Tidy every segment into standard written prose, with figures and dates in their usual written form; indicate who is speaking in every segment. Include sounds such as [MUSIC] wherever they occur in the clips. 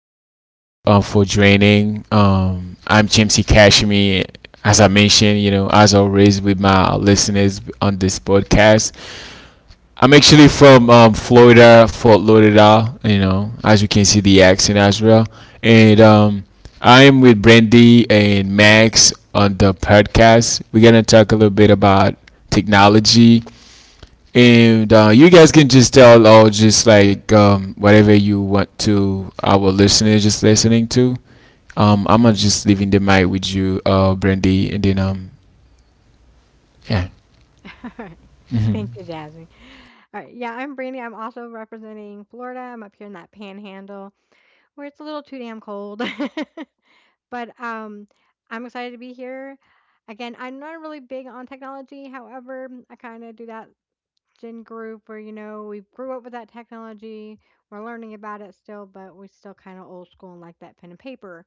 Speaker 1: Thank you for joining. I'm Jamesy Cashmere. As I mentioned, you know, as always with my listeners on this podcast, I'm actually from Florida, Fort Lauderdale. You know, as you can see the accent as well, and I'm with Brandy and Max on the podcast. We're gonna talk a little bit about technology and you guys can just tell all, just like whatever you want to our listeners just listening to. I'm gonna just leaving the mic with you, Brandy, and then yeah.
Speaker 2: [LAUGHS] Alright. Thank
Speaker 1: Mhm.
Speaker 2: you, Jasmine. All right. Yeah, I'm Brandy. I'm also representing Florida. I'm up here in that panhandle where it's a little too damn cold. [LAUGHS] but I'm excited to be here. Again, I'm not really big on technology. However, I kind of do that gen group where, you know, we grew up with that technology. We're learning about it still, but we still kind of old school and like that pen and paper.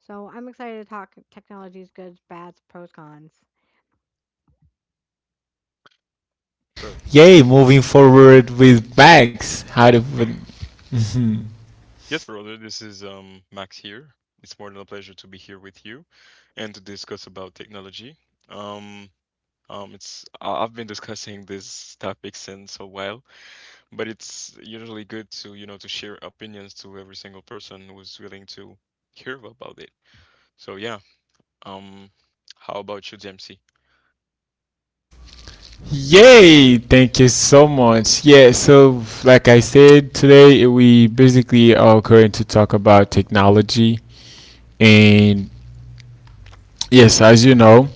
Speaker 2: So I'm excited to talk technology's goods, bads, pros, cons.
Speaker 3: Sure.
Speaker 1: Yay, moving forward with Max. How to put.
Speaker 3: Yes, brother, this is Max here. It's more than a pleasure to be here with you and to discuss about technology. Um, I've been discussing this topic since a while, but it's usually good to, you know, to share opinions to every single person who's willing to hear about it. So yeah, um, how about you, Dempsey?
Speaker 1: Yay! Thank you so much. Yeah, so like I said today, we basically are going to talk about technology. And yes, as you know,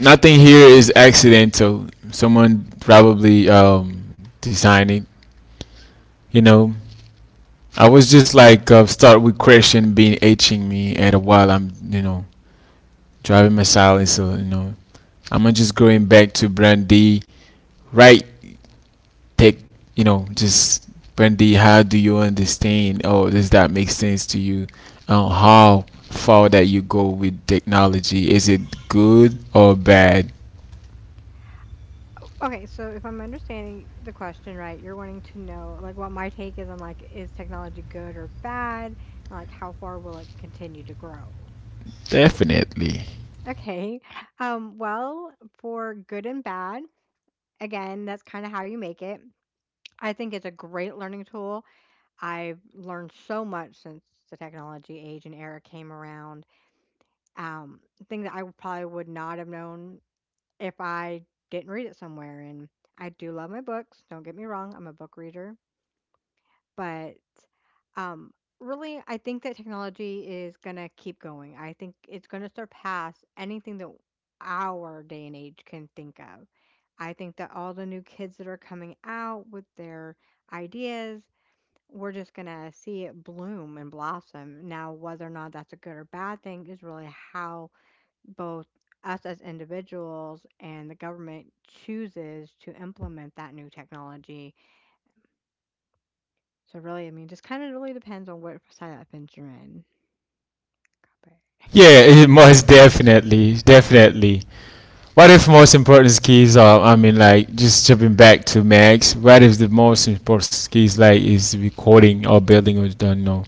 Speaker 1: nothing here is accidental. Someone probably designed it. You know, I was just like start with Christian being itching me at a while I'm you know driving my silence. So you know, I'm gonna just going back to Brandy. Right, take you know just Brandy. How do you understand? Oh, does that make sense to you? How far that you go with technology? Is it good or bad?
Speaker 2: Okay, so if I'm understanding the question right, you're wanting to know like what my take is on like is technology good or bad, and like how far will it continue to grow?
Speaker 1: Definitely.
Speaker 2: Okay. Um, well, for good and bad, again, that's kind of how you make it. I think it's a great learning tool. I've learned so much since the technology age and era came around. Um, thing that I probably would not have known if I didn't read it somewhere. And I do love my books. Don't get me wrong, I'm a book reader. But, um, really, I think that technology is gonna keep going. I think it's gonna surpass anything that our day and age can think of. I think that all the new kids that are coming out with their ideas, we're just gonna see it bloom and blossom. Now, whether or not that's a good or bad thing is really how both us as individuals and the government chooses to implement that new technology. So really, I mean, just kinda really depends on what side of that fence you're in, but
Speaker 1: Yeah, it- most definitely, definitely. What of most important skills? I mean, like just jumping back to Max. What is the most important skills? Like is recording or building or don't know.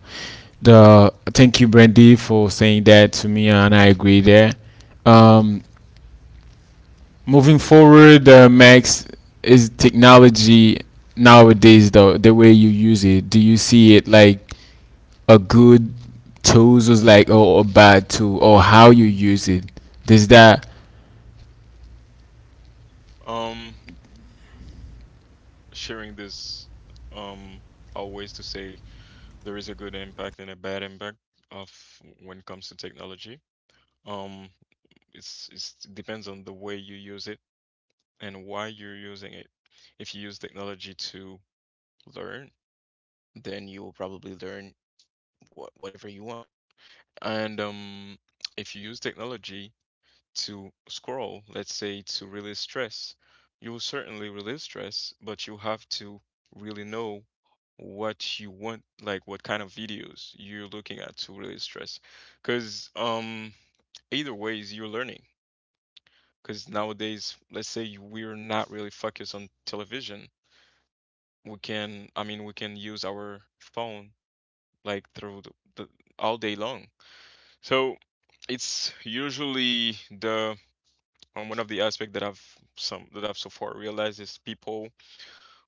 Speaker 1: The thank you, Brandy, for saying that to me, and I agree there. Um, Moving forward, Max is technology nowadays. Though the way you use it, do you see it like? A good tools was like or a bad tool or how you use it. Does that?
Speaker 3: Um, Sharing this, um, always to say there is a good impact and a bad impact of when it comes to technology. Um, it depends on the way you use it and why you're using it. If you use technology to learn, then you will probably learn whatever you want. And if you use technology to scroll, let's say to release stress, you will certainly release stress, but you have to really know what you want, like what kind of videos you're looking at to release stress. Because either ways, you're learning. Because nowadays, let's say we're not really focused on television. We can, I mean, we can use our phone like through the all day long. So it's usually the one of the aspects that I've some that I've so far realized is people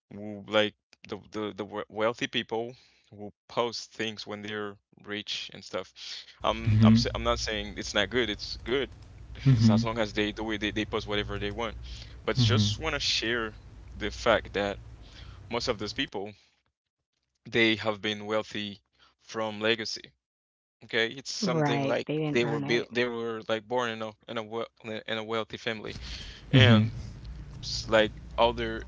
Speaker 3: who like the wealthy people who post things when they're rich and stuff.
Speaker 1: Hmm.
Speaker 3: I'm not saying it's not good. It's good. [LAUGHS] It's
Speaker 1: Hmm.
Speaker 3: as long as they do it, they post whatever they want. But
Speaker 1: Hmm.
Speaker 3: just want to share the fact that most of those people, they have been wealthy from legacy. Okay, it's something
Speaker 2: right,
Speaker 3: like
Speaker 2: they didn't earn it.
Speaker 3: they were like born in in a wealthy family,
Speaker 1: Hmm.
Speaker 3: and s- like other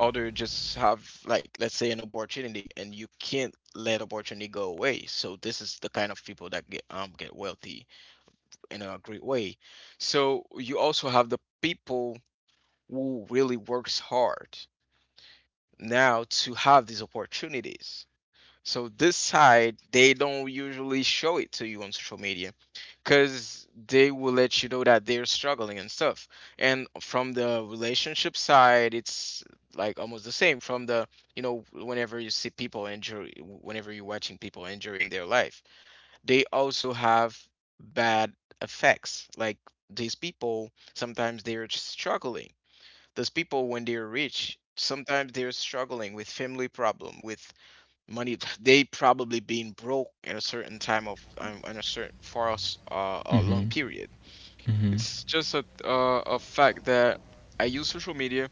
Speaker 3: other just have, like, let's say, an opportunity and you can't let opportunity go away, so this is the kind of people that get wealthy in a great way. So you also have the people who really works hard now to have these opportunities. So this side, they don't usually show it to you on social media, because they will let you know that they're struggling and stuff. And from the relationship side, it's like almost the same. From the, you know, whenever you see people injure, whenever you're watching people injuring their life, they also have bad effects. Like these people, sometimes they're struggling. Those people, when they're rich, sometimes they're struggling with family problem, with money. They probably been broke at a certain time of in a certain, for us, a long period. It's just a fact that I use social media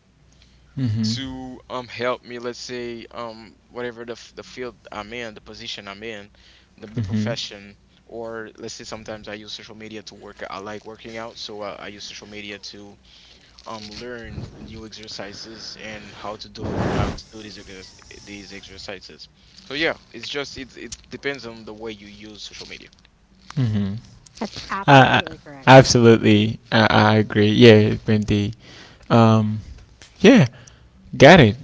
Speaker 3: to help me, let's say, whatever the field I'm in, the position I'm in, the profession, or let's say sometimes I use social media to work. I like working out, so I use social media to learn new exercises and how to do it, how to do these exercises. So yeah, it's just, it's it depends on the way you use social media.
Speaker 2: That's
Speaker 1: I
Speaker 2: absolutely correct.
Speaker 1: absolutely I agree. Yeah, Bendy. Um, yeah, got it.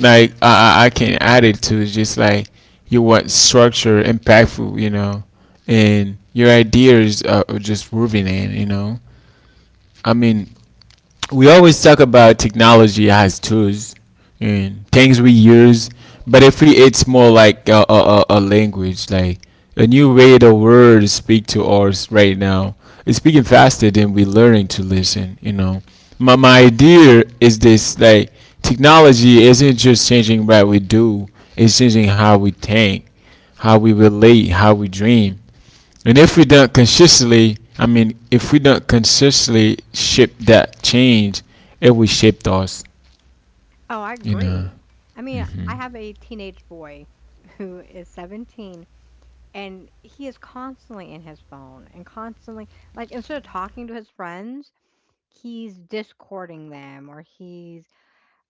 Speaker 1: Like I can add it to just like you want structure, impactful, you know, and your ideas are just moving in, you know. I mean, we always talk about technology as tools and things we use, but if we, it's more like a language, like a new way the world speak to us right now. It's speaking faster than we learning to listen. You know, my idea is this: like technology isn't just changing what we do; it's changing how we think, how we relate, how we dream. And if we don't consistently, I mean, if we don't consistently ship that change, it will shape us,
Speaker 2: Oh, I
Speaker 1: you know.
Speaker 2: agree. I mean, I have a teenage boy who is 17, and he is constantly in his phone and constantly like, instead of talking to his friends, he's Discording them or he's,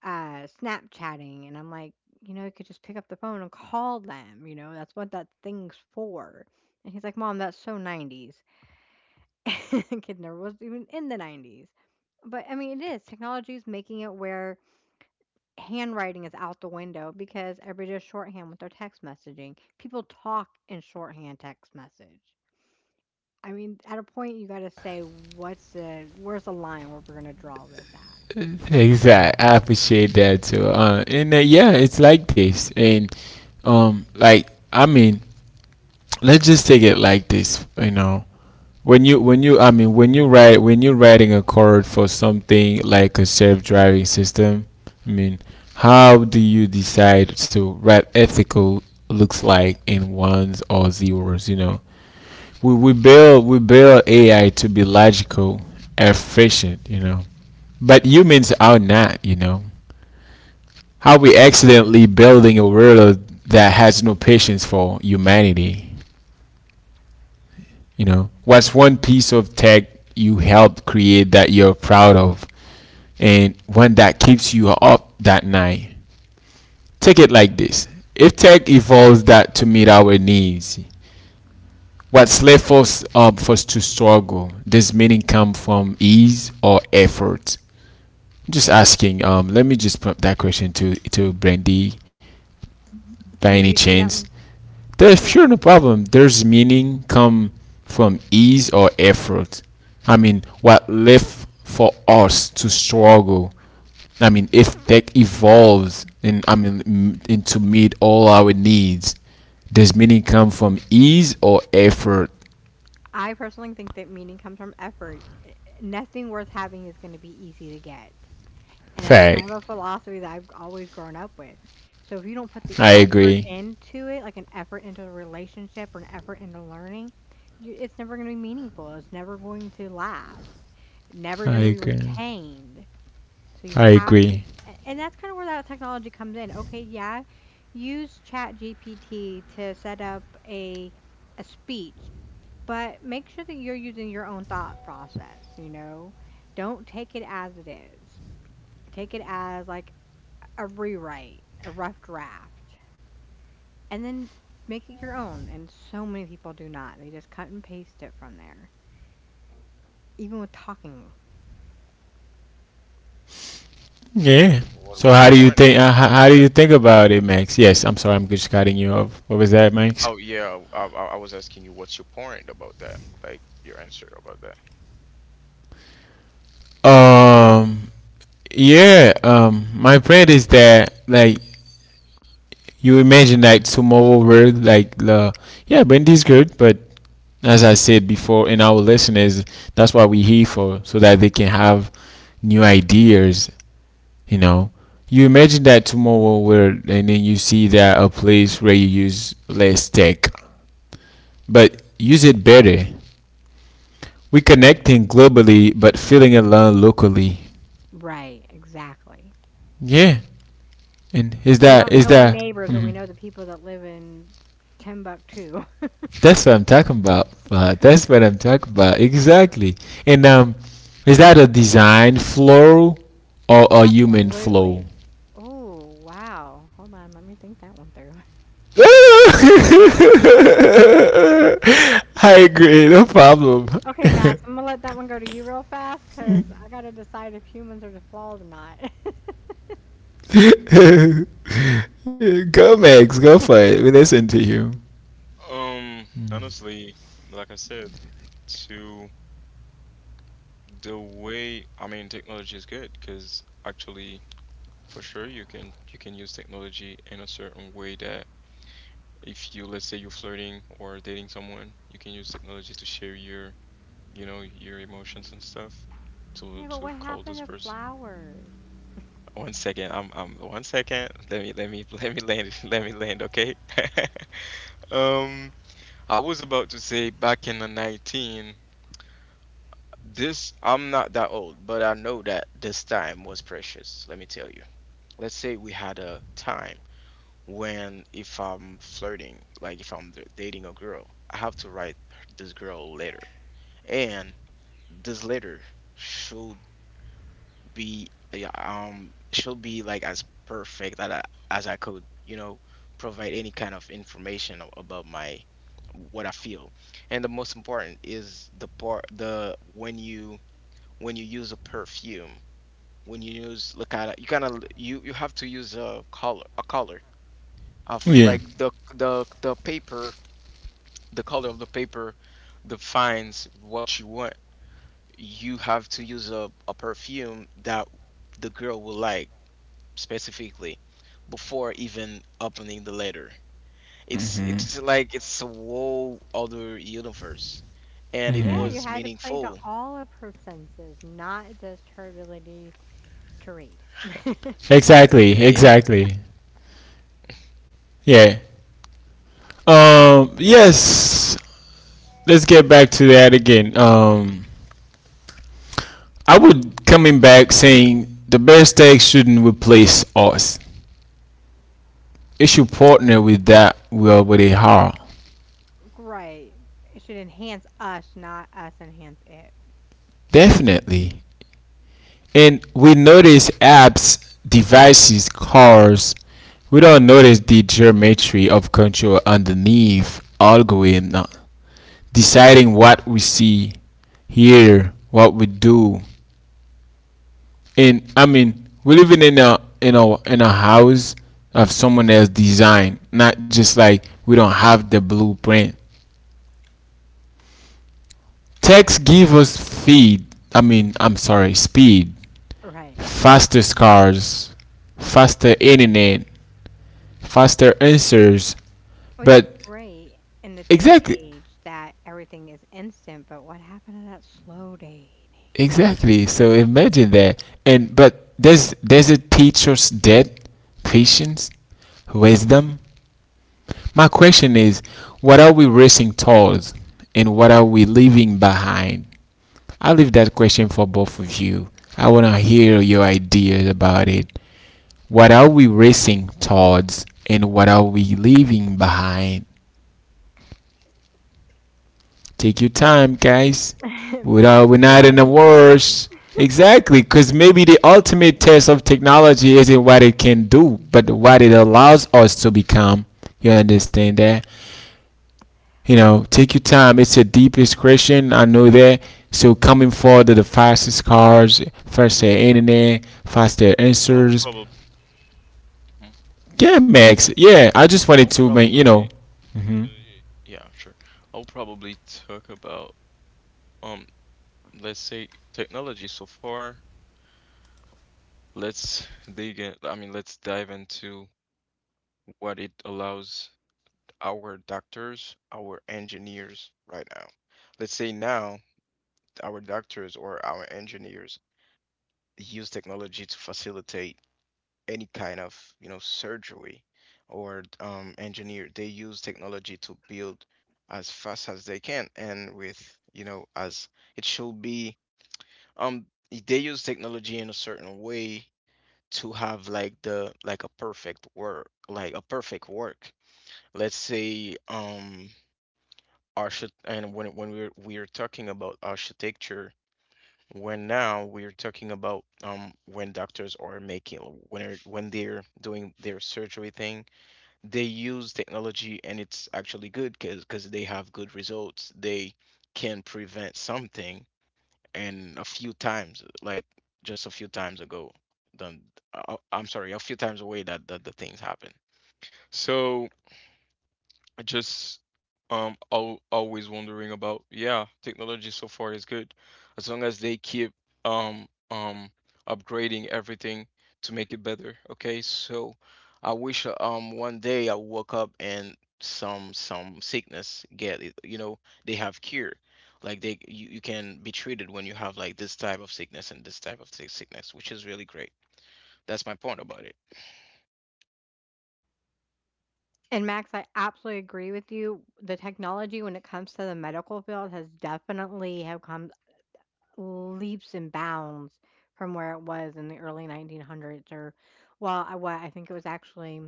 Speaker 2: uh, Snapchatting, and I'm like, "You know, you could just pick up the phone and call them, you know, that's what that thing's for." And he's like, "Mom, that's so 90's." [LAUGHS] Kidner was even in the 90's. But I mean, it is. Technology is making it where handwriting is out the window because everybody does shorthand with their text messaging. People talk in shorthand text message. I mean, at a point, you got to say, where's the line where we're going to draw this at?
Speaker 1: Exactly. I appreciate that too. And yeah, it's like this. And like, I mean, let's just take it like this, you know, when you I mean when you write when you're writing a code for something like a self-driving system, I mean how do you decide to write ethical looks like in ones or zeros, you know. We build we build ai to be logical efficient, you know, but humans are not, you know. How we accidentally building a world that has no patience for humanity. You know, what's one piece of tech you helped create that you're proud of and one that keeps you up that night? Take it like this. If tech evolves that to meet our needs, what's left us up for us to struggle? Does meaning come from ease or effort? I'm just asking. Let me just put that question to Brandy by
Speaker 2: Can
Speaker 1: any
Speaker 2: you re say that
Speaker 1: chance.
Speaker 2: one? Re
Speaker 1: There's [LAUGHS]
Speaker 2: say
Speaker 1: sure
Speaker 2: that
Speaker 1: no
Speaker 2: one for me.
Speaker 1: problem. There's meaning come from ease or effort. I mean, what left for us to struggle. I mean, if tech evolves and I mean and to meet all our needs, does meaning come from ease or effort?
Speaker 2: I personally think that meaning comes from effort. Nothing worth having is going to be easy to get. And that's kind of
Speaker 1: Fact.
Speaker 2: a philosophy that I've always grown up with. So if you don't put the
Speaker 1: I
Speaker 2: effort
Speaker 1: agree.
Speaker 2: into it, like an effort into a relationship or an effort into learning, it's never going to be meaningful. It's never going to last. Never
Speaker 1: I
Speaker 2: going to be
Speaker 1: agree.
Speaker 2: retained. So you
Speaker 1: I
Speaker 2: have to,
Speaker 1: agree.
Speaker 2: and that's kind of where that technology comes in. Okay, yeah, use ChatGPT to set up a speech, but make sure that you're using your own thought process. You know, don't take it as it is. Take it as like a rewrite, a rough draft, and then make it your own, and so many people do not. They just cut and paste it from there, even with talking.
Speaker 1: Yeah. So
Speaker 3: What's
Speaker 1: how
Speaker 3: your
Speaker 1: do you
Speaker 3: point
Speaker 1: think?
Speaker 3: from
Speaker 1: How do you
Speaker 3: that,
Speaker 1: think
Speaker 3: James?
Speaker 1: about it, Max? Yes. I'm sorry. I'm just cutting you off. What was that, Max?
Speaker 3: Oh yeah, I was asking you what's your point about that, like your answer about that.
Speaker 1: Um. Yeah, my point is that like you imagine that tomorrow world like the, yeah, Brandy's good, but as I said before, in our listeners, that's what we're here for, so that they can have new ideas. You know, you imagine that tomorrow world, and then you see that a place where you use less tech, but use it better. We connecting globally, but feeling alone locally.
Speaker 2: Right, exactly.
Speaker 1: Yeah, and is
Speaker 2: We
Speaker 1: that
Speaker 2: don't
Speaker 1: is
Speaker 2: know our
Speaker 1: that
Speaker 2: neighbors, but we know the people that live in Timbuktu.
Speaker 1: that's what I'm talking about. That's what I'm talking about. Exactly. And is that a design flow or
Speaker 2: [LAUGHS]
Speaker 1: a human flow?
Speaker 2: Absolutely. Oh, wow. Hold on, let me think that one through. [LAUGHS]
Speaker 1: [LAUGHS] I agree. No problem.
Speaker 2: Okay, Max, I'm gonna let that one go to you real fast because I gotta decide if humans are the flaws or not. [LAUGHS]
Speaker 1: [LAUGHS] Go, Max. Go for it. We listen to you.
Speaker 3: Honestly, like I said, to the way I mean, technology is good because actually, for sure, you can use technology in a certain way that if you let's say you're flirting or dating someone, you can use technology to share your, you know, your emotions and stuff
Speaker 2: Yeah, but
Speaker 3: to
Speaker 2: what
Speaker 3: call
Speaker 2: happened
Speaker 3: this
Speaker 2: to
Speaker 3: person.
Speaker 2: flowers?
Speaker 3: One second. I'm One second. Let me [LAUGHS] let me land [LAUGHS] let me land, okay? [LAUGHS] Um, I was about to say back in the 19, this, I'm not that old, but I know that this time was precious, let me tell you. Let's say we had a time when, if I'm flirting, like if I'm dating a girl, I have to write this girl letter, and this letter should be, yeah, should be like as perfect that as I could, you know, provide any kind of information about my what I feel. And the most important is the part, the when you use a perfume, when you use, look at you kind of, you have to use a color of,
Speaker 1: Yeah.
Speaker 3: like, the paper, the color of the paper defines what you want. You have to use a perfume that the girl will like specifically, before even opening the letter. It's like, it's a whole other universe, and it
Speaker 2: Yeah, you
Speaker 3: was
Speaker 2: had to play to
Speaker 3: meaningful.
Speaker 2: all of her senses, not just her ability to read. [LAUGHS]
Speaker 1: Exactly.
Speaker 3: Yeah.
Speaker 1: Exactly. Yeah. Yes. Let's get back to that again. I would coming back saying the best tech shouldn't replace us. It should partner with that we already have.
Speaker 2: Right. It should enhance us, not us enhance it.
Speaker 1: Definitely. And we notice apps, devices, cars. We don't notice the geometry of control underneath algorithm, deciding what we see, hear, what we do, in I mean, we're living in a house of someone else's design, not just like we don't have the blueprint. Text give us feed. I mean, I'm sorry, speed,
Speaker 2: Right.
Speaker 1: faster cars, faster internet, faster answers.
Speaker 2: Which is
Speaker 1: But
Speaker 2: great in the day and
Speaker 1: exactly,
Speaker 2: age that everything is instant, but what happened to that slow day
Speaker 1: exactly. So imagine that. And but does it teach us that patience, wisdom. My question is, what are we racing towards and what are we leaving behind? I leave that question for both of you. I want to hear your ideas about it. What are we racing towards and what are we leaving behind? Take your time, guys.
Speaker 2: and age? [LAUGHS]
Speaker 1: We're
Speaker 2: Max,
Speaker 1: not, we're
Speaker 2: you
Speaker 1: not
Speaker 2: want
Speaker 1: in
Speaker 2: to
Speaker 1: a
Speaker 2: get this?
Speaker 1: rush. Exactly, because maybe the ultimate test of technology isn't what it can do, but what it allows us to become. You understand that? You know, take your time. It's a deep inscription. I know that. So coming forward to the fastest cars, faster internet, faster
Speaker 3: I'll
Speaker 1: answers.
Speaker 3: probably
Speaker 1: Yeah, Max. Yeah, I
Speaker 2: Ma-
Speaker 1: just wanted
Speaker 3: I'll
Speaker 1: to make you know.
Speaker 3: probably uh,
Speaker 1: Hmm.
Speaker 3: yeah, sure. I'll probably talk about um let's say technology so far. Let's dig in. I mean, let's dive into what it allows our doctors, our engineers right now. Let's say now our doctors or our engineers use technology to facilitate any kind of, you know, surgery or engineer. They use technology to build as fast as they can and with, you know, as it should be. Um, they use technology in a certain way to have like the, like a perfect work, let's say, archi- and when we're talking about architecture, when now we're talking about, when doctors are making, when they're doing their surgery thing, they use technology and it's actually good, because they have good results. They can prevent something. And a few times, like just a few times ago, then, I'm sorry, a few times away that that the things happen. So just, al always wondering about, yeah, technology so far is good as long as they keep um um upgrading everything to make it better. Okay, so I wish, one day I woke up and some sickness, get it, you know, they have cure, like you can be treated when you have like this type of sickness and this type of sickness, which is really great. That's my point about it.
Speaker 2: And Max, I absolutely agree with you. The technology when it comes to the medical field has definitely have come leaps and bounds from where it was in the early 1900s, or well, I, what I think it was actually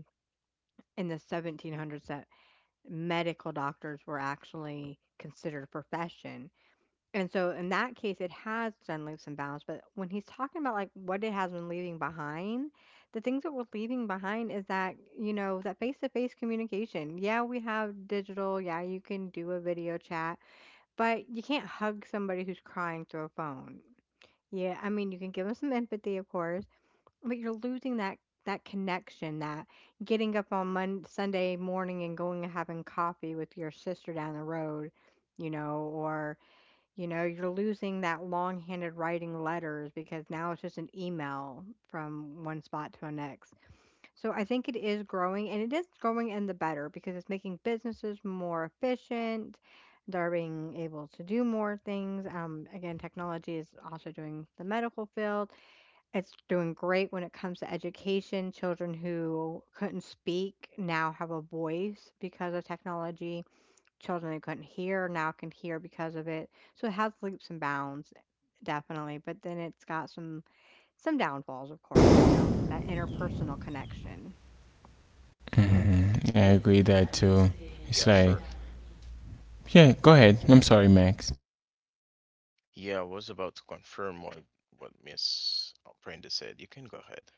Speaker 2: in the 1700s that medical doctors were actually considered a profession, and so in that case it has done leaps and bounds. But when he's talking about like what it has been leaving behind, the things that we're leaving behind is that, you know, that face-to-face communication. Yeah, we have digital, yeah, you can do a video chat, but you can't hug somebody who's crying through a phone. Yeah, I mean, you can give them some empathy, of course, but you're losing that, that connection, that getting up on Mon Sunday morning and going and having coffee with your sister down the road, you know, or you know, you're losing that long-handed writing letters because now it's just an email from one spot to the next. So I think it is growing, and it is growing in the better because it's making businesses more efficient. They're being able to do more things. Again, technology is also doing the medical field. It's doing great when it comes to education. Children who couldn't speak now have a voice because of technology. Children who couldn't hear now can hear because of it. So it has leaps and bounds, definitely. But then it's got some downfalls, of course, you know, that interpersonal connection.
Speaker 1: Hmm. I agree that too. It's
Speaker 3: Yeah,
Speaker 1: like,
Speaker 3: sure.
Speaker 1: yeah. Go ahead. I'm sorry, Max.
Speaker 3: Yeah, I was about to confirm what Miss Brenda said. You can go ahead.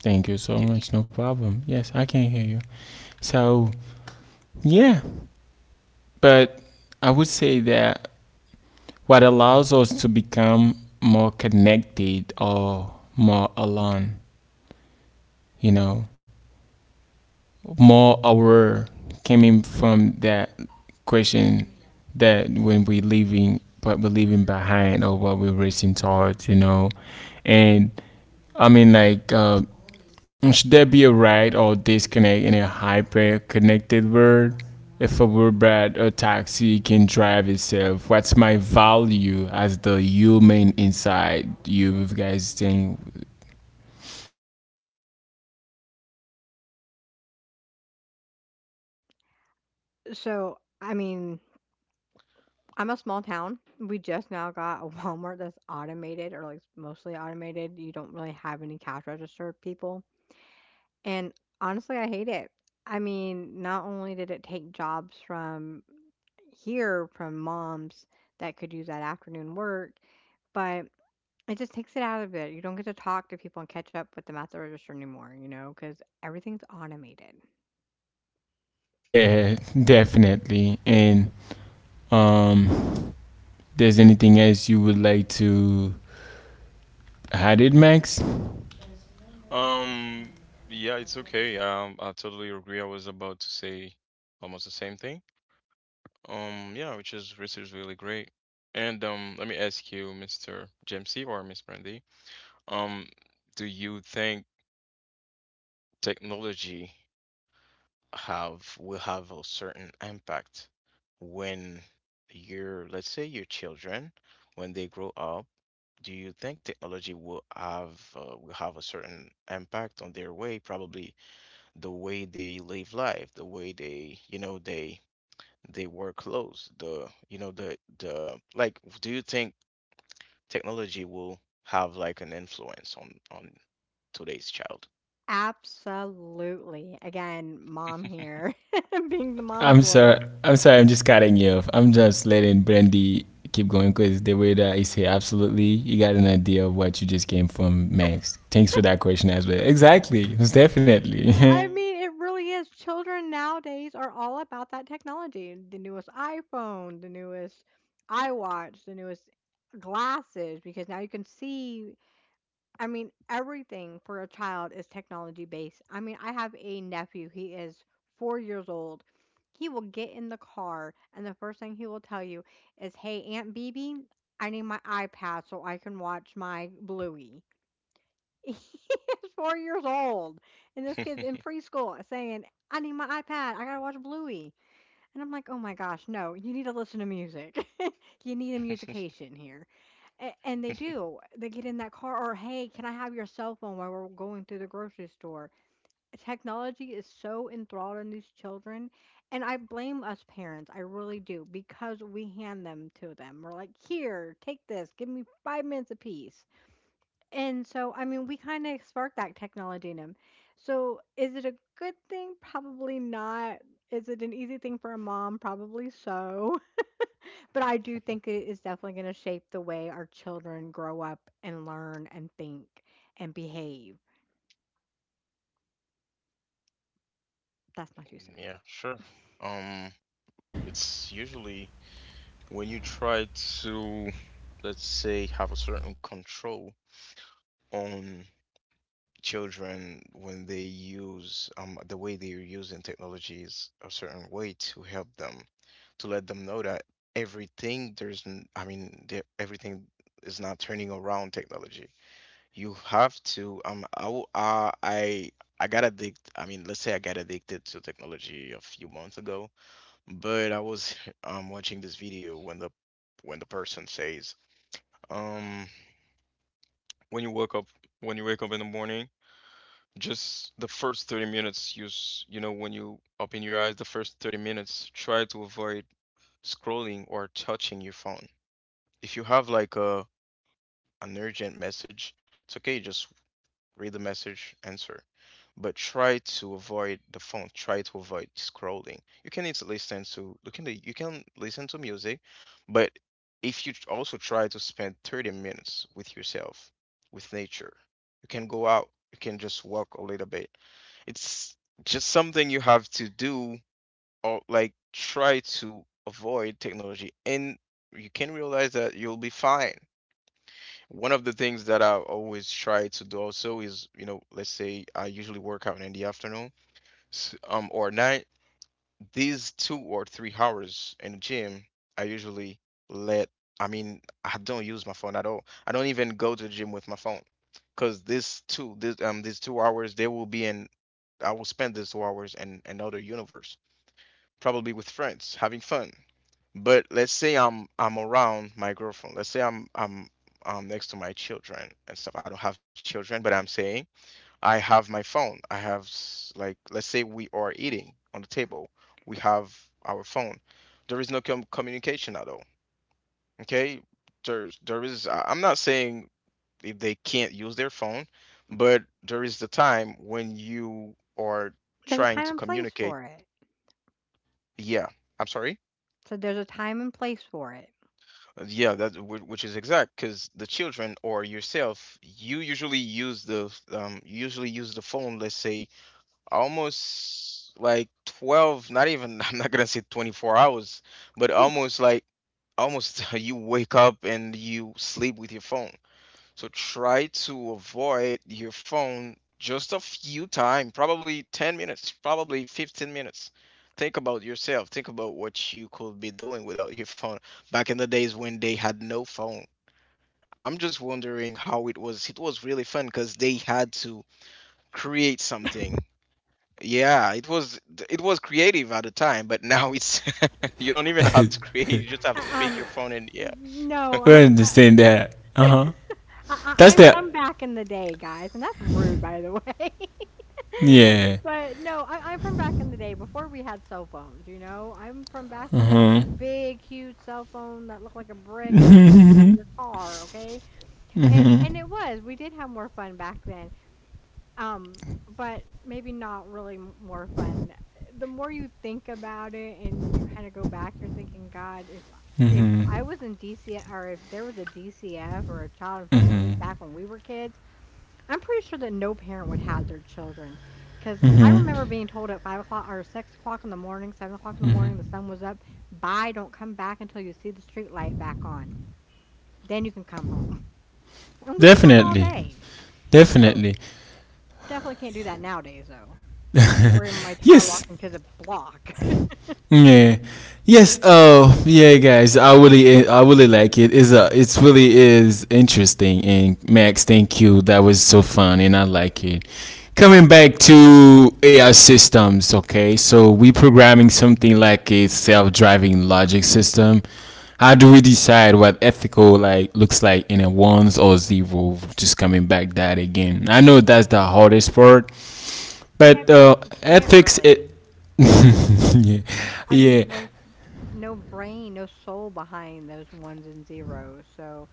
Speaker 1: Thank you so
Speaker 3: Can
Speaker 1: much. No problem. Yes, I can hear you. So yeah, but I would say that what allows us to become more connected or more alone, you know, more aware coming from that question that when we leaving what we're leaving behind or what we're racing towards, you know. And I mean like should there be a right or disconnect in a hyper connected world? If a Uber or taxi can drive itself, what's my value as the human inside you? If you guys think,
Speaker 2: So, I mean, I'm a small town. We just now got a [LAUGHS] Walmart that's automated or like mostly automated. You don't really have any cash register people. And honestly, I hate it. I mean, not only did it take jobs from here from moms that could use that afternoon work, but it just takes it out of it. You don't get to talk to people and catch up with them at the register anymore, you know, because everything's automated.
Speaker 1: [LAUGHS] yeah, definitely. And um, there's anything else you would like to add it, Max?
Speaker 3: you? Yeah, it's okay. I totally agree. I was about to say almost the same thing. Yeah, which is research is really great. And let me ask you, Mr. Jamesy or Miss Brandy, um, do you think technology have, will have a certain impact when your, let's say your children, when they grow up, do you think technology will have, will have a certain impact on their way, probably the way they live life, the way they, you know, they wear clothes, the, you know, the like, do you think technology will have like an influence on today's child?
Speaker 2: Absolutely. Again, mom here,
Speaker 3: [LAUGHS]
Speaker 2: [LAUGHS] being the mom
Speaker 1: I'm sorry.
Speaker 2: voice.
Speaker 1: I'm sorry. I'm just cutting you off. I'm just letting Brandy keep going because the way that is here, absolutely, you got an idea of what you just came from, Max. Thanks for that question as well. Exactly. Most definitely.
Speaker 2: I mean, it really is. Children nowadays are all about that technology. The newest iPhone, the newest iWatch, the newest glasses, because now you can see. I mean, everything for a child is technology based. I mean, I have a nephew, he is 4 years old. He will get in the car, and the first thing he will tell you is, "Hey, Aunt Bibi, I need my iPad so I can watch my Bluey." [LAUGHS] He is 4 years old, and this kid's in
Speaker 3: [LAUGHS]
Speaker 2: preschool saying, "I need my iPad, I gotta watch Bluey." And I'm like, "Oh my gosh, no, you need to listen to music." [LAUGHS] You need a musication. And they do. They get in that car, or hey, can I have your cell phone while we're going through the grocery store? Technology is so enthralled in these children, and I blame us parents. I really do because we hand them to them. We're like, here, take this. Give me 5 minutes apiece. And so, I mean, we kind of spark that technology in them. So, is it a good thing? Probably not. Is it an easy thing for a mom? Probably so. But I do think it is definitely going to shape the way our children grow up and learn and think and behave. That's my two cents.
Speaker 3: Yeah, sure. Um, it's usually when you try to, let's say, have a certain control on children when they use, the way they're using technology is a certain way to help them, to let them know that I mean, everything is not turning around technology. You have to, I got addicted. I mean, let's say I got addicted to technology a few months ago, but I was [LAUGHS] watching this video when the person says, um, when you wake up, when you wake up in the morning, just the first 30 minutes, you, you know, when you open your eyes, the first 30 minutes, try to avoid scrolling or touching your phone. If you have like a, an urgent message, it's okay, just read the message, answer. But try to avoid the phone. Try to avoid scrolling. You can easily listen to, you can listen to music, but if you also try to spend 30 minutes with yourself, with nature, you can go out. You can just walk a little bit. It's just something you have to do, or like try to avoid technology and you can realize that you'll be fine. One of the things that I always try to do also is, you know, let's say I usually work out in the afternoon, or night. These two or three hours in the gym, I usually let, I mean, I don't use my phone at all. I don't even go to the gym with my phone, because this two, this these two hours, they will be in. I will spend these two hours in another universe, probably with friends, having fun. But let's say I'm, around my girlfriend. Let's say I'm next to my children and stuff. I don't have children, but I'm saying I have my phone. I have, like let's say we are eating on the table. We have our phone. There is no communication at all. Okay? There's there is I- I'm not saying if they can't use their phone, but there is the time when you are
Speaker 2: There's a
Speaker 3: trying
Speaker 2: time
Speaker 3: to
Speaker 2: and place
Speaker 3: communicate.
Speaker 2: for it.
Speaker 3: Yeah. I'm sorry.
Speaker 2: So there's a time and place for it.
Speaker 3: Yeah, which is exact because the children or yourself, you usually use the you usually use the phone, let's say almost like 12, not even [LAUGHS] I'm not gonna say 24 hours, but
Speaker 2: Ooh,
Speaker 3: almost like almost [LAUGHS] you wake up and you sleep with your phone. So try to avoid your phone just a few time, probably 10 minutes, probably 15 minutes. Think about yourself. Think about what you could be doing without your phone back in the days when they had no phone. I'm just wondering how it was. It was really fun because they had to create something. Yeah, it was creative at the time, but now it's [LAUGHS] you don't even
Speaker 2: okay.
Speaker 3: have to create. You just have
Speaker 2: Uh,
Speaker 3: to pick your
Speaker 2: Um,
Speaker 3: phone and yeah.
Speaker 2: no,
Speaker 1: [LAUGHS] I
Speaker 3: [LAUGHS]
Speaker 2: uh,
Speaker 1: understand that. Uh huh. That's
Speaker 2: I'm
Speaker 1: the
Speaker 2: from back in the day, guys, and that's rude, by the [LAUGHS] way. [LAUGHS]
Speaker 1: yeah.
Speaker 2: But no, I'm from back in the day before we had cell phones, you know? I'm from back when they had the big, huge cell phone that looked like a brick and put it in your car, okay? And it was, we did have more fun back then. Um, but maybe not really more fun. The more you think about it and you kind of go back, you're thinking, God, if I was in DC, or if there was a DCF or a Child and Families back when we were kids, I'm pretty sure that no parent would have their children because I remember being told at 5 o'clock or 6 o'clock in the morning, 7 o'clock in the morning, the sun was up. Bye, don't come back until you see the street light back on. Then you can come home. [LAUGHS] And we'd be gone all
Speaker 1: Definitely.
Speaker 2: day. So
Speaker 1: Definitely.
Speaker 2: definitely can't do that nowadays, though. I worry my child
Speaker 1: Yes.
Speaker 2: walking to the block. [LAUGHS]
Speaker 1: Yeah. Yes. Oh, yeah, guys. I really like it. It's a, it's really is interesting. And Max, thank you. That was so fun, and I like it. Coming back to AI systems. Okay, so we programming something like a self-driving logic system. How do we decide what ethical like looks like in a ones or zero? Just coming back that again. I know that's the hardest part
Speaker 2: Yeah,
Speaker 1: but
Speaker 2: because you can't
Speaker 1: ethics, it.
Speaker 2: really.
Speaker 1: [LAUGHS] yeah,
Speaker 2: I
Speaker 1: yeah,
Speaker 2: mean, there's no brain, no soul behind those ones and zeros. So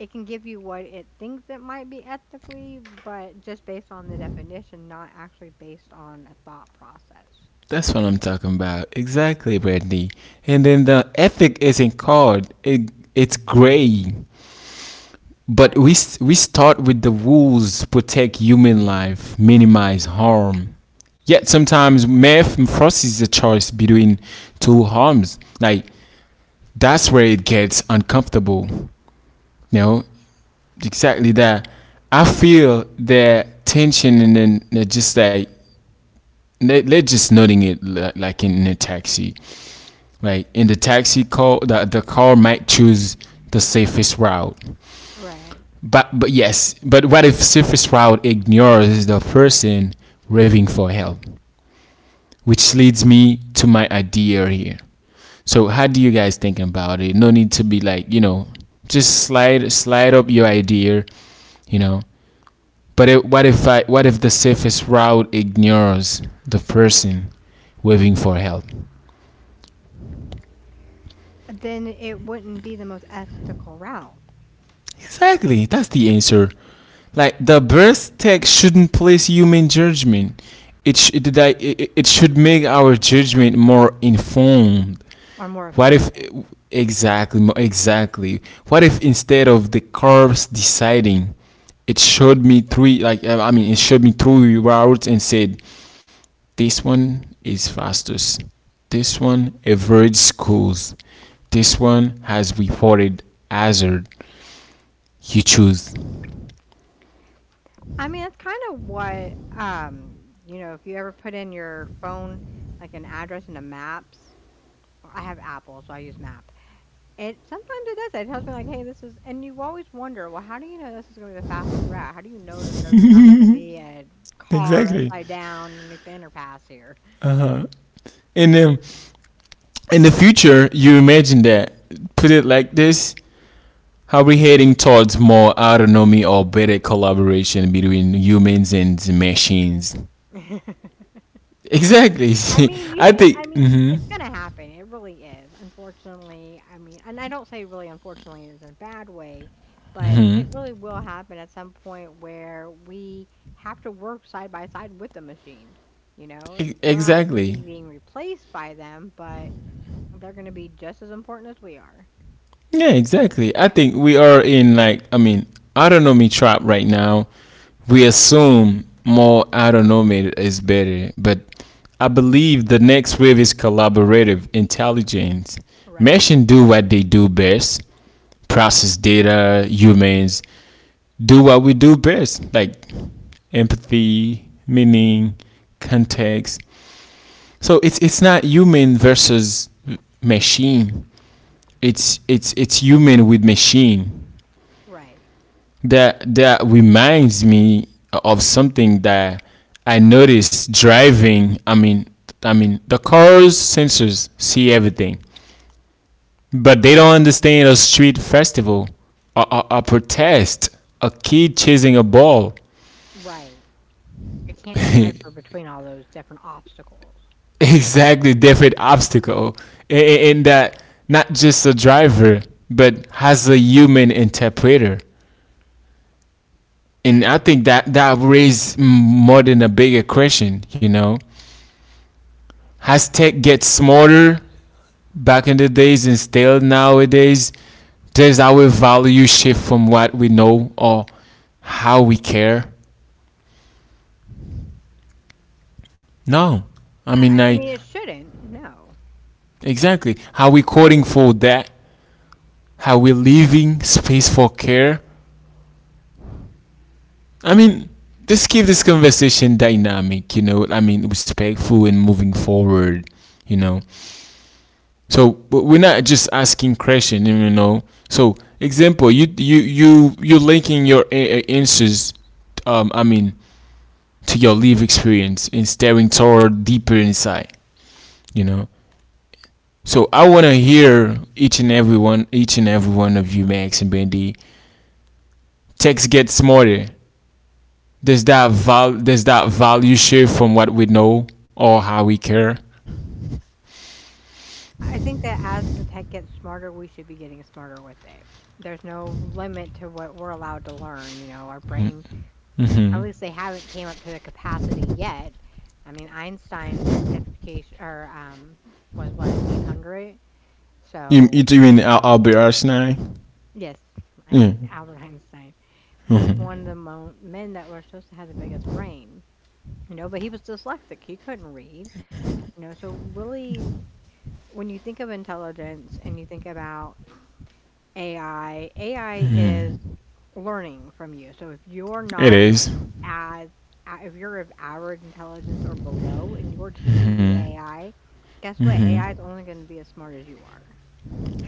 Speaker 2: it can give you what it thinks it might be ethically, but just based on the definition, not actually based on a thought process.
Speaker 1: that's what I'm talking about. Exactly, Brandy. And then the ethic isn't called it. It's gray. But
Speaker 2: Right.
Speaker 1: we start with the rules protect human life, minimize harm. Yet sometimes math forces a choice between two harms. Like that's where it gets uncomfortable. You know, exactly that. I feel the tension and then they're just like let's just noting it like in a taxi like in the taxi call the car might choose the safest route
Speaker 2: Right.
Speaker 1: but yes but what if safest route ignores the person raving for help which leads me to my idea here so how do you guys think about it no need to be like you know just slide slide up your idea, you know, but it, what if the safest route ignores the person waving for help.
Speaker 2: Then it wouldn't be the most ethical route
Speaker 1: Exactly, that's the answer. Like the birth text shouldn't place human judgment. It it should make our judgment more informed.
Speaker 2: or more
Speaker 1: What if
Speaker 2: efficient.
Speaker 1: exactly mo- exactly? What if instead of the curves deciding, it showed me three like I mean it showed me three routes and said this one is fastest, this one average schools, this one has reported hazard. You choose.
Speaker 2: I mean, that's kind of what, if you ever put in your phone like an address in a maps, or I have Apple, so I use Map. It sometimes it does. It tells me like, "Hey, this is," and you always wonder, "Well, how do you know this is gonna be the fastest route? How do you know that there's not gonna be a car
Speaker 1: Exactly.
Speaker 2: upside down underneath the underpass here?"
Speaker 1: And the in the future, you imagine that. Put it like this: how we heading towards more autonomy or better collaboration between humans and machines?
Speaker 2: [LAUGHS]
Speaker 1: Exactly.
Speaker 2: I mean,
Speaker 1: [LAUGHS]
Speaker 2: you
Speaker 1: I
Speaker 2: think
Speaker 1: think
Speaker 2: I mean, it's gonna happen. It really is. Unfortunately, and I don't say really unfortunately is in a bad way, but it really will happen at some point where we have to work side by side with the machine, you know? We're not maybe
Speaker 1: exactly.
Speaker 2: being replaced by them, but they're going to be just as important as we are.
Speaker 1: Yeah, exactly. I think we are in like I mean autonomy trap right now. We assume more autonomy is better, but I believe the next wave is collaborative intelligence.
Speaker 2: Right.
Speaker 1: Machines do what they do best: process data. Humans do what we do best, like empathy, meaning, context. So it's not human versus machine. It's human with machine.
Speaker 2: Right.
Speaker 1: That reminds me of something that I noticed driving. I mean the cars sensors see everything, but they don't understand a street festival, a protest, a kid chasing a ball,
Speaker 2: Right. It can't
Speaker 1: [LAUGHS]
Speaker 2: decipher between all those different obstacles.
Speaker 1: exactly, different obstacle. And that, not just a driver but has a human interpreter. And I think that raised more than a bigger question. Has tech get smaller back in the days and still nowadays? Does our value shift from what we know or how we care? No. I
Speaker 2: I,
Speaker 1: mean,
Speaker 2: I I
Speaker 1: I
Speaker 2: mean, it shouldn't. No.
Speaker 1: exactly how we coding for that, how we leaving space for care. I mean, let's keep this conversation dynamic. I mean, respectful and moving forward, you know. So but we're not just asking question. So example, you're linking your interests, I mean, to your live experience and staring toward deeper inside, you know. So I want to hear each and every one of you, Max and Bendy. Text get smarter. Does that value shift from what we know or how we care?
Speaker 2: I think that as the tech gets smarter, we should be getting smarter with it. There's no limit to what we're allowed to learn. You know, our brain, at least they haven't came up to the capacity yet. I mean, Einstein's education or was what 800.
Speaker 1: You
Speaker 2: So
Speaker 1: you doing Albert Einstein?
Speaker 2: yes,
Speaker 1: Yeah,
Speaker 2: Albert Einstein. He was one of the men that were supposed to have the biggest brain, you know, but he was dyslexic. He couldn't read, you know. So, really, when you think of intelligence and you think about AI, AI is learning from you. So, if you're
Speaker 1: it
Speaker 2: not
Speaker 1: is.
Speaker 2: as, if you're of average intelligence or below and you're teaching AI, guess what? AI is only going to be as smart as you are,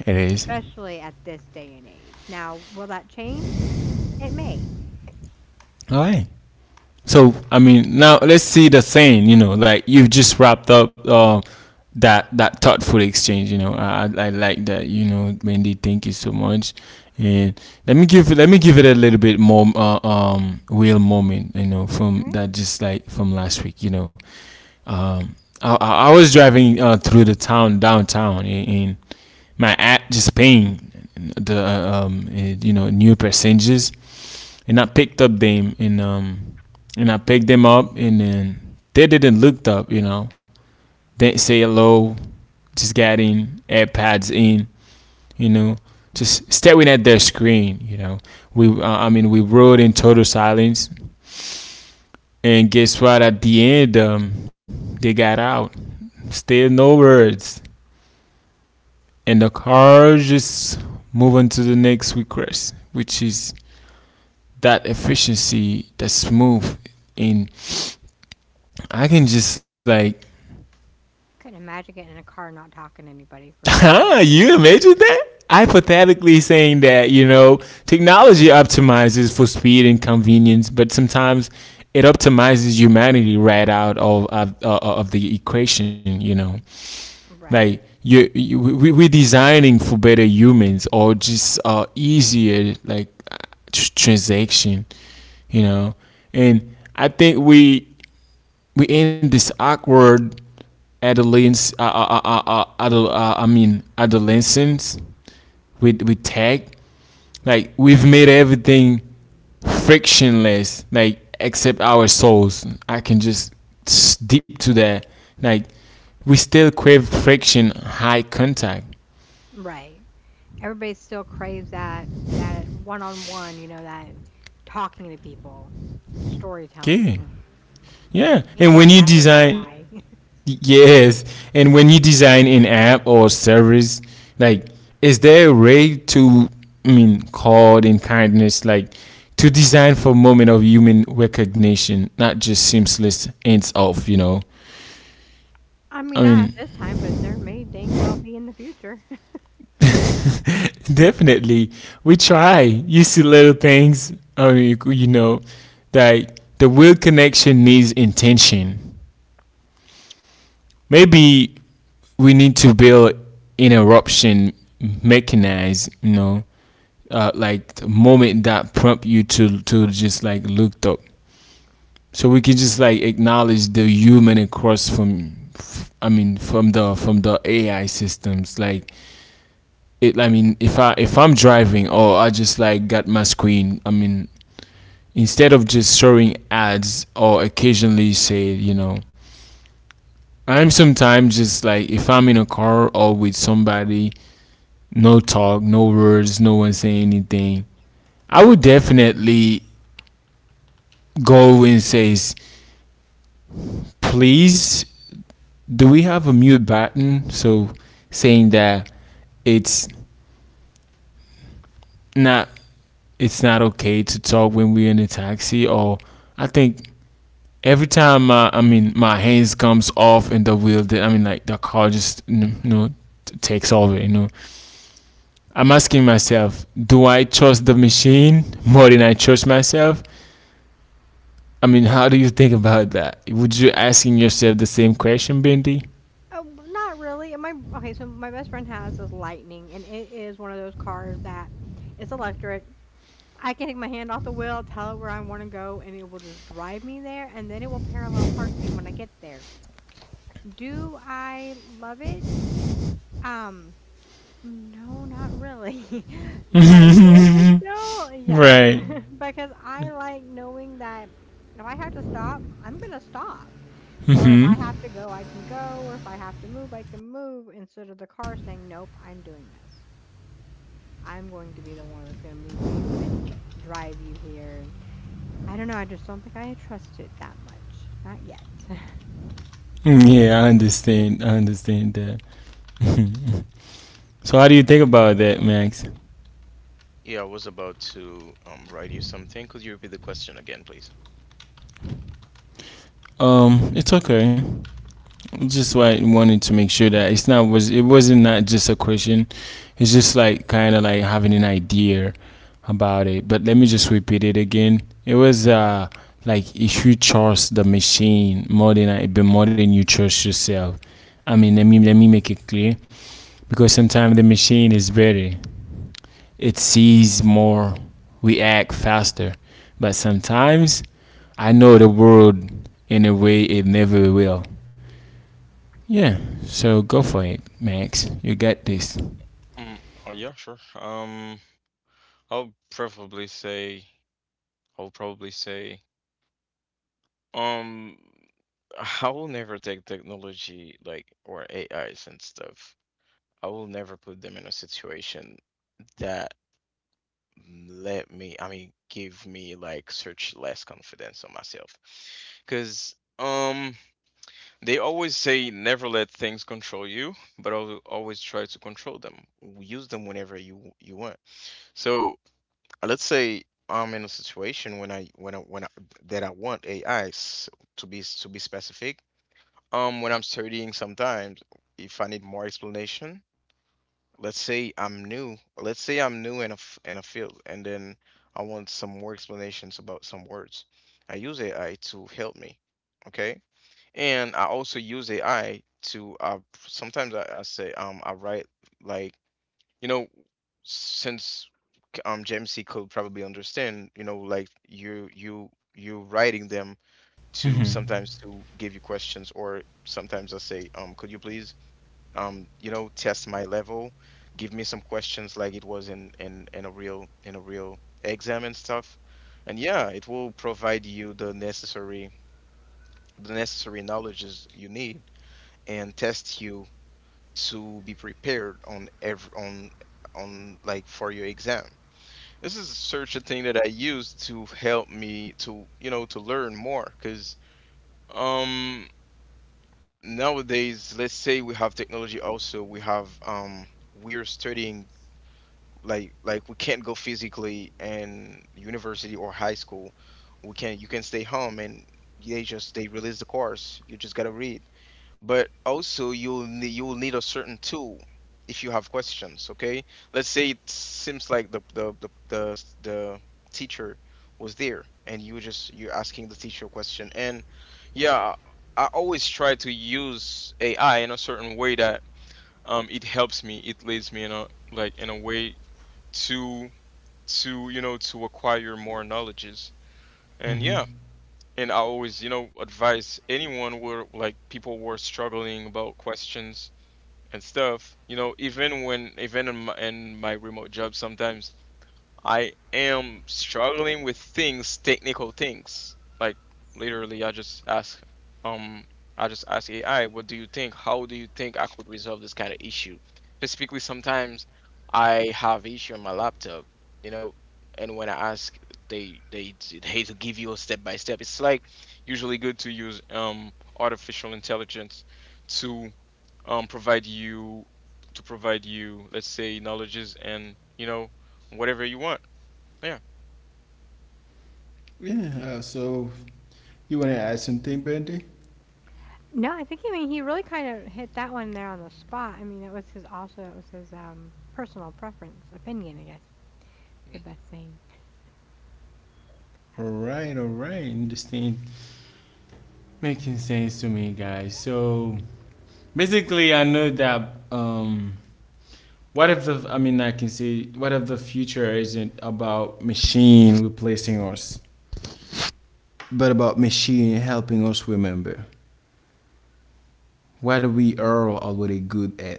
Speaker 1: It is.
Speaker 2: especially at this day and age. Now, will that change? It may.
Speaker 1: All right. So I mean, now let's see the saying. You know, like you've just wrapped up that thoughtful exchange. You know, I like that. You know, Wendy, thank you so much. And let me give it a little bit more real moment. You know, from
Speaker 2: Right?
Speaker 1: that just like from last week. You know, um I was driving through the town downtown and my app just paying the new passengers and I picked up them and um and I picked them up and then they didn't look up. Didn't say hello, just got in, AirPods in, you know, just staring at their screen. We I mean we rode in total silence and guess what at the end they got out. Still no words. And the car just move on to the next request, which is that efficiency, that smooth and I can just like,
Speaker 2: I couldn't imagine getting in a car and not talking to anybody
Speaker 1: [LAUGHS]
Speaker 2: for an...
Speaker 1: huh, you imagine that?
Speaker 2: Yeah.
Speaker 1: Hypothetically saying that, technology optimizes for speed and convenience, but sometimes it optimizes humanity right out of the equation. Like
Speaker 2: Right,
Speaker 1: we're designing for better humans or just easier like transaction, you know. And I think we end this awkward adolescence. I mean adolescence with tech. Like we've made everything frictionless. Like except our souls. I can just deep to that. Like we still crave friction, high contact.
Speaker 2: right. Everybody still craves that that one-on-one, you know, that talking to people, storytelling.
Speaker 1: Okay.
Speaker 2: Mm.
Speaker 1: Yeah,
Speaker 2: Can't
Speaker 1: and
Speaker 2: get
Speaker 1: when you
Speaker 2: that with
Speaker 1: design.
Speaker 2: AI. I... [LAUGHS]
Speaker 1: Yes, and when you design an app or service, like, is there a way to, I mean, called in kindness, like, to design for moment of human recognition, not just seamless ends off, you know?
Speaker 2: I
Speaker 1: I
Speaker 2: mean, not
Speaker 1: mean,
Speaker 2: at this time, but there may dang well be in the future. [LAUGHS]
Speaker 1: [LAUGHS] definitely, we try. You see little things, I mean, like the real connection needs intention. Maybe we need to build an eruption mechanized, like the moment that prompt you to just like looked up, so we can just like acknowledge the human across from, I mean, from the AI systems. Like it, I mean, if I'm driving or I just like got my screen, I mean, instead of just showing ads or occasionally say. And sometimes it's like if I'm in a car or with somebody, no talk, no words, no one saying anything, I would definitely go and say, please, do we have a mute button? So saying that it's not not okay to talk when we're in a taxi or I think every time my I mean my hands comes off in the wheel that I mean like the car just takes over. I'm asking myself, do I trust the machine more than I trust myself? I mean, how do you think about that? Would you asking yourself the same question, Bindi?
Speaker 2: Oh, but not really. My Okay, so my best friend has this Lightning, and it is one of those cars that it's electric. I can take my hand off the wheel, tell it where I wanna go, and it will just drive me there, and then it will parallel park me when I get there. Do I love it? Um, no, not really. [LAUGHS] Do I deal with it still? Yes,
Speaker 1: Right.
Speaker 2: [LAUGHS] because I like knowing that if I have to stop, I'm gonna stop, or if I have to go, I can go, or if I have to move, I can move, instead of the car saying, "Nope, I'm doing this. I'm going to be the one that's gonna move you and drive you here." I don't know, I just don't think I trust it that much. Not yet. [LAUGHS]
Speaker 1: Yeah, I understand. I understand that. So how do you think about that, Max?
Speaker 3: Yeah, I was about to write you something. Could you repeat the question again, please?
Speaker 1: It's okay. Just why I wanted to make sure that it wasn't not just a question. It's just like kind of like having an idea about it. But let me just repeat it again. It was like if you trust the machine more than I, but more than you trust yourself. I mean, let me make it clear because sometimes the machine is better. It sees more, we act faster. But sometimes I know the world in a way it never will. Yeah, so go for it, Max. You got this.
Speaker 3: Mm, oh yeah, sure. I'll preferably say I'll probably say um I will never take technology like or AIs and stuff. I will never put them in a situation that let me give me like such less confidence on myself because they always say never let things control you but always try to control them, use them whenever you want. So let's say I'm in a situation when I when I when I, that I want AI's to be specific when I'm studying sometimes. If I need more explanation, let's say I'm new. Let's say I'm new in a field, and then I want some more explanations about some words. I use AI to help me, okay? And I also use AI to sometimes I say I write, like, you know, since Jamesy could probably understand, you know, like you writing them, to
Speaker 1: Mm-hmm.
Speaker 3: sometimes to give you questions, or sometimes I say, could you please you know, test my level, give me some questions like it was in a real exam and stuff. And yeah, it will provide you the necessary knowledges you need and test you to be prepared on every on, like, for your exam. This is such a thing that I use to help me to, you know, to learn more because um nowadays, let's say, we have technology. Also we have we're studying, like, we can't go physically in university or high school. We can, you can stay home and they just, they release the course, you just gotta read. But also you'll need, you'll need a certain tool if you have questions. Okay, let's say it seems like the teacher was there and you just, you're asking the teacher a question, and yeah. I always try to use AI in a certain way that it helps me, it leads me in a, in a way to to, you know, to acquire more knowledges. And yeah, and I always, you know, advise anyone where, like, people were struggling about questions and stuff, you know. Even when, in my remote job, sometimes I am struggling with things, technical things. Like, literally, um, I just ask AI, what do you think? How do you think I could resolve this kind of issue? Specifically, sometimes I have issue on my laptop, you know, and when I ask, they they they [LAUGHS] give you a step by step. It's like, usually good to use artificial intelligence to um provide you provide you, let's say, knowledges and, you know, whatever you want. Yeah.
Speaker 1: Yeah, so you want to add something, Brandy?
Speaker 2: No, I think, I mean, he really kind of hit that one there on the spot. I mean, that was his, personal preference, opinion, I guess, the
Speaker 3: Mhm.
Speaker 2: best thing.
Speaker 1: Alright, alright. Understand. Making sense to me, guys. So basically, I know that, what if I mean, I can say, what if the future isn't about machine replacing us, but about machine helping us remember what we are already good at?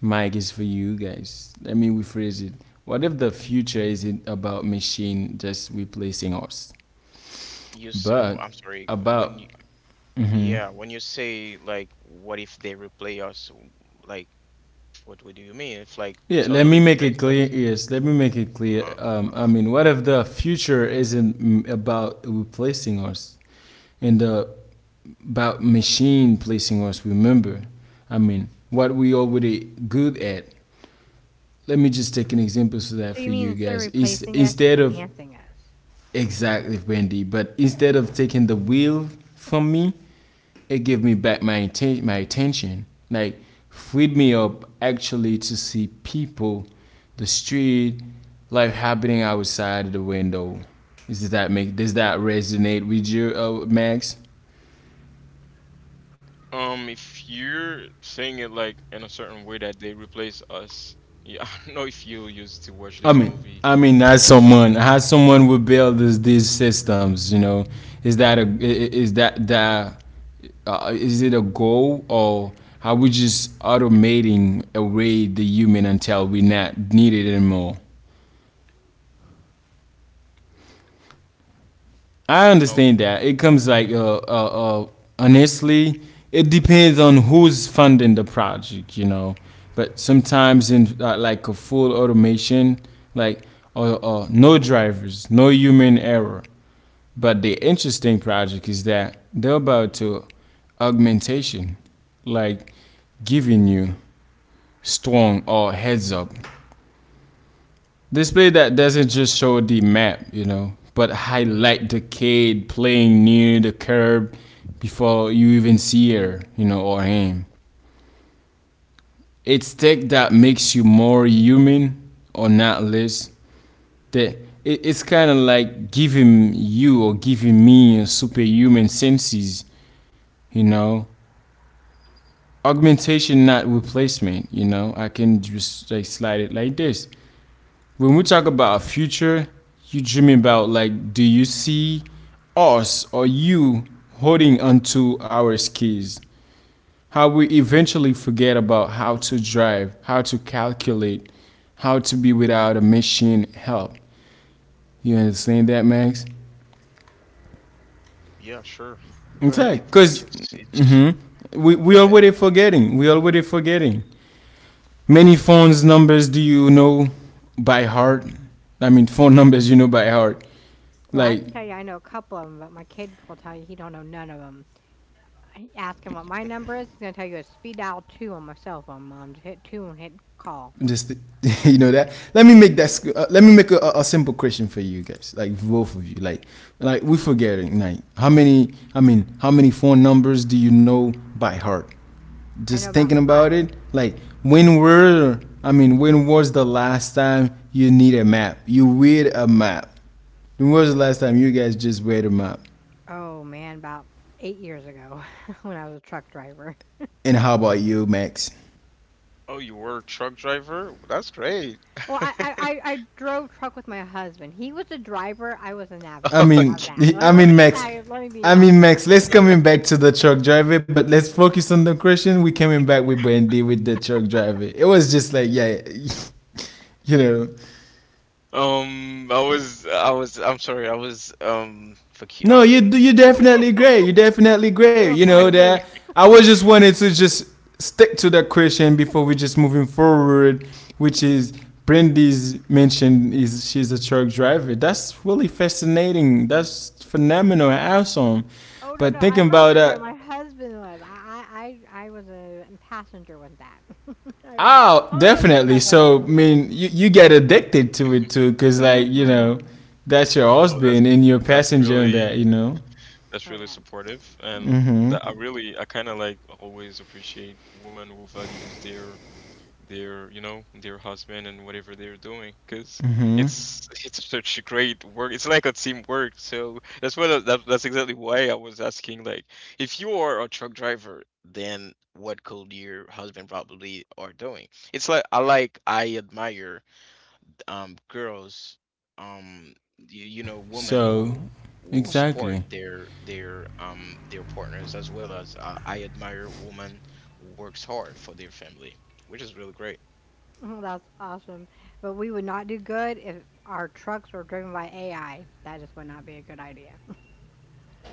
Speaker 1: Mike is for you guys. Let me rephrase it. What if the future isn't about machine just replacing us,
Speaker 3: You s m
Speaker 1: but
Speaker 3: I'm sorry, when you,
Speaker 1: about hmm
Speaker 3: yeah, when you say like, what if they replay us, like what do you mean? If like
Speaker 1: yeah? Let
Speaker 3: totally
Speaker 1: me make
Speaker 3: replace
Speaker 1: it
Speaker 3: us?
Speaker 1: clear. Yes, let me make it clear.
Speaker 3: Uh-huh.
Speaker 1: Um, I
Speaker 3: Uh-huh.
Speaker 1: mean, what if the future isn't about replacing us, and the about machine placing us? Remember, I mean, what we already good at. Let me just take an example for that
Speaker 2: So you
Speaker 1: for
Speaker 2: mean
Speaker 1: you
Speaker 2: instead of
Speaker 1: guys. Is
Speaker 2: replacing us, just
Speaker 1: instead of
Speaker 2: enhancing us?
Speaker 1: exactly, Wendy. But instead of taking the wheel from me, it gave me back my attention. Like freed me up actually to see people, the street, life happening outside of the window. Is that make does that resonate with you, Max?
Speaker 3: If you're saying it like in a certain way that they replace us, yeah, [LAUGHS] I don't know if you used to watch
Speaker 1: I
Speaker 3: this
Speaker 1: mean,
Speaker 3: movie.
Speaker 1: I mean, as someone, how someone would build this, these systems, you know, is that is it a goal or are we just automating away the human until we not need it anymore? I
Speaker 3: Nope.
Speaker 1: understand that it comes like honestly, it depends on who's funding the project. But sometimes in like a full automation, like no drivers, no human error. But the interesting project is that they're about to augmentation, like giving you strong or heads up display that doesn't just show the map, but highlight the kid playing near the curb before you even see her, or him. It's tech that makes you more human or not less. That it's kind of like giving you or giving me a superhuman senses, you know, augmentation, not replacement. You know, I can just like slide it like this. When we talk about a future, you dream about like, do you see us or you holding onto our skis? How we eventually forget about how to drive, how to calculate, how to be without a machine help. You understand that, Max?
Speaker 3: Yeah, sure. But it,
Speaker 1: Exactly. Because
Speaker 3: just it's,
Speaker 1: mm-hmm, we
Speaker 3: go
Speaker 1: we
Speaker 3: ahead.
Speaker 1: already forgetting. We already forgetting. Many phones numbers do you know by heart? I mean, phone numbers you know by heart.
Speaker 2: Well, I
Speaker 1: Like,
Speaker 2: can tell you I know a couple of them, but my kid will tell you he don't know none of 'em. I ask him what my number is, he's gonna tell you it's speed dial 2 on my cell phone, mom. Just hit 2 and hit call. [LAUGHS]
Speaker 1: just [LAUGHS] you know that. Let me make that. Let me make a simple question for you guys. Like both of you. Like we forgetting. Like, how many? I mean, how many phone numbers do you know by heart?
Speaker 2: I
Speaker 1: Just
Speaker 2: know
Speaker 1: thinking
Speaker 2: about
Speaker 1: about it.
Speaker 2: 5.
Speaker 1: Like, when were? I mean, when was the last time you need a map? You read a map. When was the last time you guys just read a map?
Speaker 2: Oh, man, about 8 years ago [LAUGHS] when I was a truck driver.
Speaker 1: And how about you, Max?
Speaker 3: Oh, you were a truck driver? That's great.
Speaker 2: Well, I I
Speaker 3: [LAUGHS]
Speaker 2: I I drove truck with my husband. He was the driver, I was a
Speaker 1: I
Speaker 2: navigator. How's
Speaker 1: mean,
Speaker 3: Okay.
Speaker 2: that? Let
Speaker 1: I
Speaker 2: let
Speaker 1: mean,
Speaker 2: me get
Speaker 1: Max.
Speaker 2: that let me be
Speaker 1: I
Speaker 2: honest.
Speaker 1: mean, Max. Let's coming back to the truck driver, but let's focus on the question. We coming back with Brandy with the truck driver. It was just like, yeah, [LAUGHS] you know.
Speaker 3: I'm sorry, I was
Speaker 1: No, you you
Speaker 3: focusing on.
Speaker 1: definitely great. You definitely great.
Speaker 2: Threw
Speaker 1: You
Speaker 2: him for
Speaker 1: know
Speaker 2: a
Speaker 1: that
Speaker 2: loop.
Speaker 1: I was just wanted to just stick to that question before we just moving forward, which is Brandy's mentioned is she's a truck driver. That's really fascinating. That's phenomenal and awesome.
Speaker 2: Oh, no,
Speaker 1: But
Speaker 2: no, I'm
Speaker 1: thinking
Speaker 2: not a
Speaker 1: about
Speaker 2: truck driver, my
Speaker 1: that,
Speaker 2: husband was. I was a passenger with that. [LAUGHS] I was
Speaker 1: oh,
Speaker 2: on the
Speaker 1: definitely.
Speaker 2: truck with
Speaker 1: So I
Speaker 2: him.
Speaker 1: mean, you get addicted to it too, cause like
Speaker 2: Mhm.
Speaker 1: that's your
Speaker 3: Oh,
Speaker 1: husband and your
Speaker 3: that's
Speaker 1: passenger and that
Speaker 3: really,
Speaker 1: you know.
Speaker 3: that's
Speaker 2: Oh,
Speaker 3: really
Speaker 2: yeah. [LAUGHS]
Speaker 3: supportive. And that, I really, I kind of like always appreciate women who values their, you know, their husband, and whatever they're doing, because it's such a great work, it's like a teamwork. So that's what that, that's exactly why I was asking, like, if you are a truck driver, then what could your husband probably are doing. It's like, I like, I admire girls, you, you
Speaker 1: Yeah.
Speaker 3: know, women
Speaker 1: So,
Speaker 3: who will support
Speaker 1: exactly.
Speaker 3: their, their partners. As well as I admire women who works hard for their family, which is really great.
Speaker 2: That's awesome. But we would not do good if our trucks were driven by AI. That just would not be a good idea. [LAUGHS]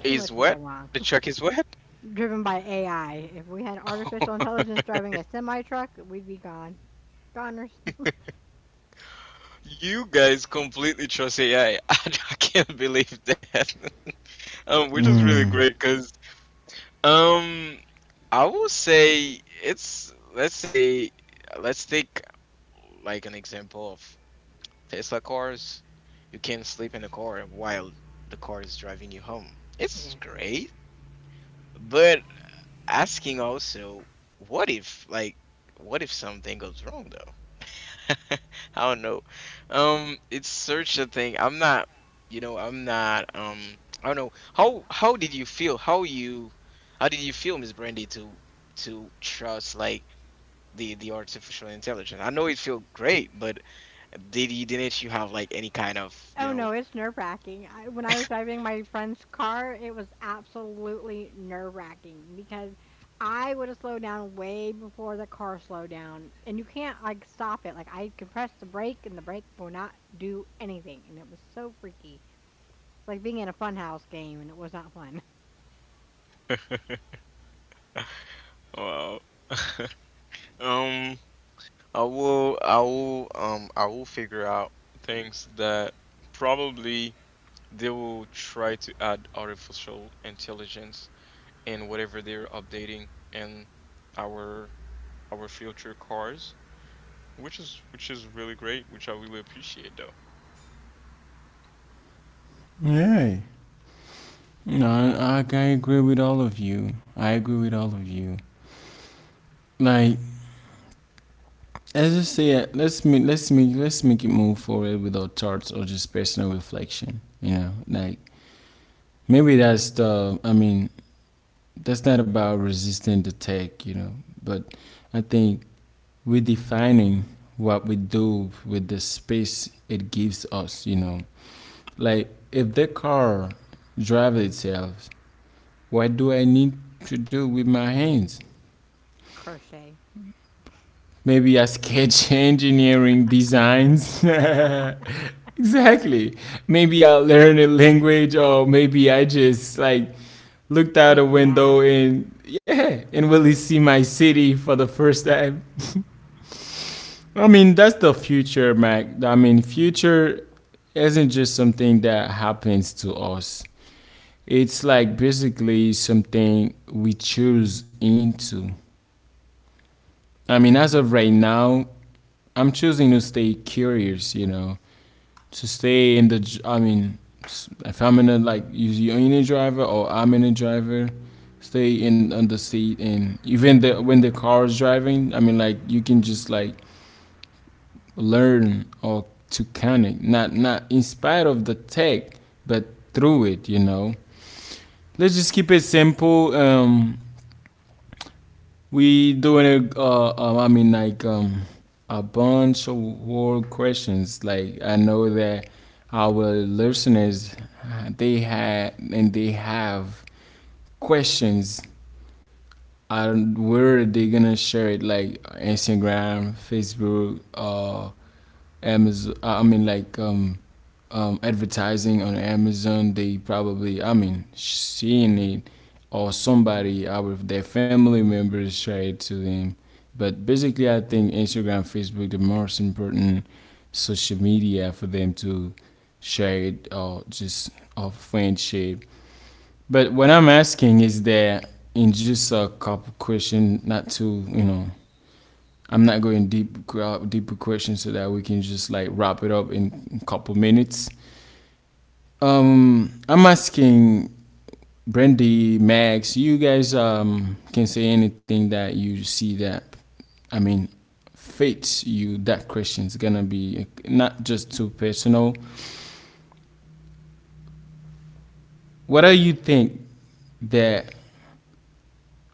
Speaker 2: Too
Speaker 3: Is
Speaker 2: much can go
Speaker 3: what?
Speaker 2: wrong.
Speaker 3: The check is what?
Speaker 2: Driven by AI. If we had artificial
Speaker 3: [LAUGHS]
Speaker 2: intelligence driving a semi truck, we'd be gone. Goners. [LAUGHS]
Speaker 3: You guys completely trust AI. I, [LAUGHS] I can't believe that. [LAUGHS] Which is really great because um, I will say it's, let's say, let's take, like, an example of Tesla cars. You can sleep in the car while the car is driving you home. It's
Speaker 2: Yes, yes, yes.
Speaker 3: great, but asking also, what if like, what if something goes wrong. [LAUGHS] I don't know. It's such a thing. I'm not, you know, I'm not. I don't know. How did you feel? How did you feel, Miss Brandy, to trust like the artificial intelligence? I know it felt great, but did you, didn't you have like any kind of,
Speaker 2: Oh
Speaker 3: you
Speaker 2: no, it's nerve wracking. I, when I was driving my friend's car, it was absolutely nerve wracking because I would have slowed down way before the car slowed down, and you can't like stop it. Like I can press the brake, and the brake will not do anything, and it was so freaky. It's like being in a funhouse game, and it was not fun.
Speaker 3: know, [LAUGHS] wow. [LAUGHS] Um, I will figure out things that probably. They will try to add artificial intelligence in whatever they're updating in our our future cars, which is, which is really great, which I really appreciate though.
Speaker 1: Yeah, no, I agree with all of you. I agree with all of you. Like, let's just say, let's make it move forward without charts or just personal reflection. You know, like maybe that's the. I mean, that's not about resisting the tech. You know, but I think we're defining what we do with the space it gives us. You know, like if the car drives itself, what do I need to do with my hands?
Speaker 2: [LAUGHS] Crochet,
Speaker 1: Maybe a sketch, engineering designs [LAUGHS] exactly. Maybe I learn a language, or maybe I just like looked out
Speaker 2: take
Speaker 1: a
Speaker 2: a nap.
Speaker 1: window and yeah, and really see my city for the first time. I mean, that's the future, Mac. I mean, future isn't just something that happens to us. It's like basically something we choose into. I mean, as of right now, I'm choosing to stay curious, you know, to stay in the. I mean, if I'm in a like use union driver, or I'm in a driver, stay in on the seat and even the when the car is driving. I mean, like you can just like learn or to connect, not in spite of the tech, but through it. You know, let's just keep it simple. We doing it. I mean, like a bunch of world questions. Like I know that our listeners, they had and they have questions. And where are they gonna share it? Like Instagram, Facebook, Amazon. I mean, like advertising on Amazon. They probably, I mean, seeing it or somebody out of their family members share it to them. But basically, I think Instagram, Facebook, the most important social media for them to share it or just of friendship. But what I'm asking is that in just a couple question, not to I'm not going deep deeper questions so that we can just like wrap it up in a couple minutes. I'm asking Brandy, Max, you guys can say anything that you see that I mean fits you. That question is gonna be not just too personal. What do you think that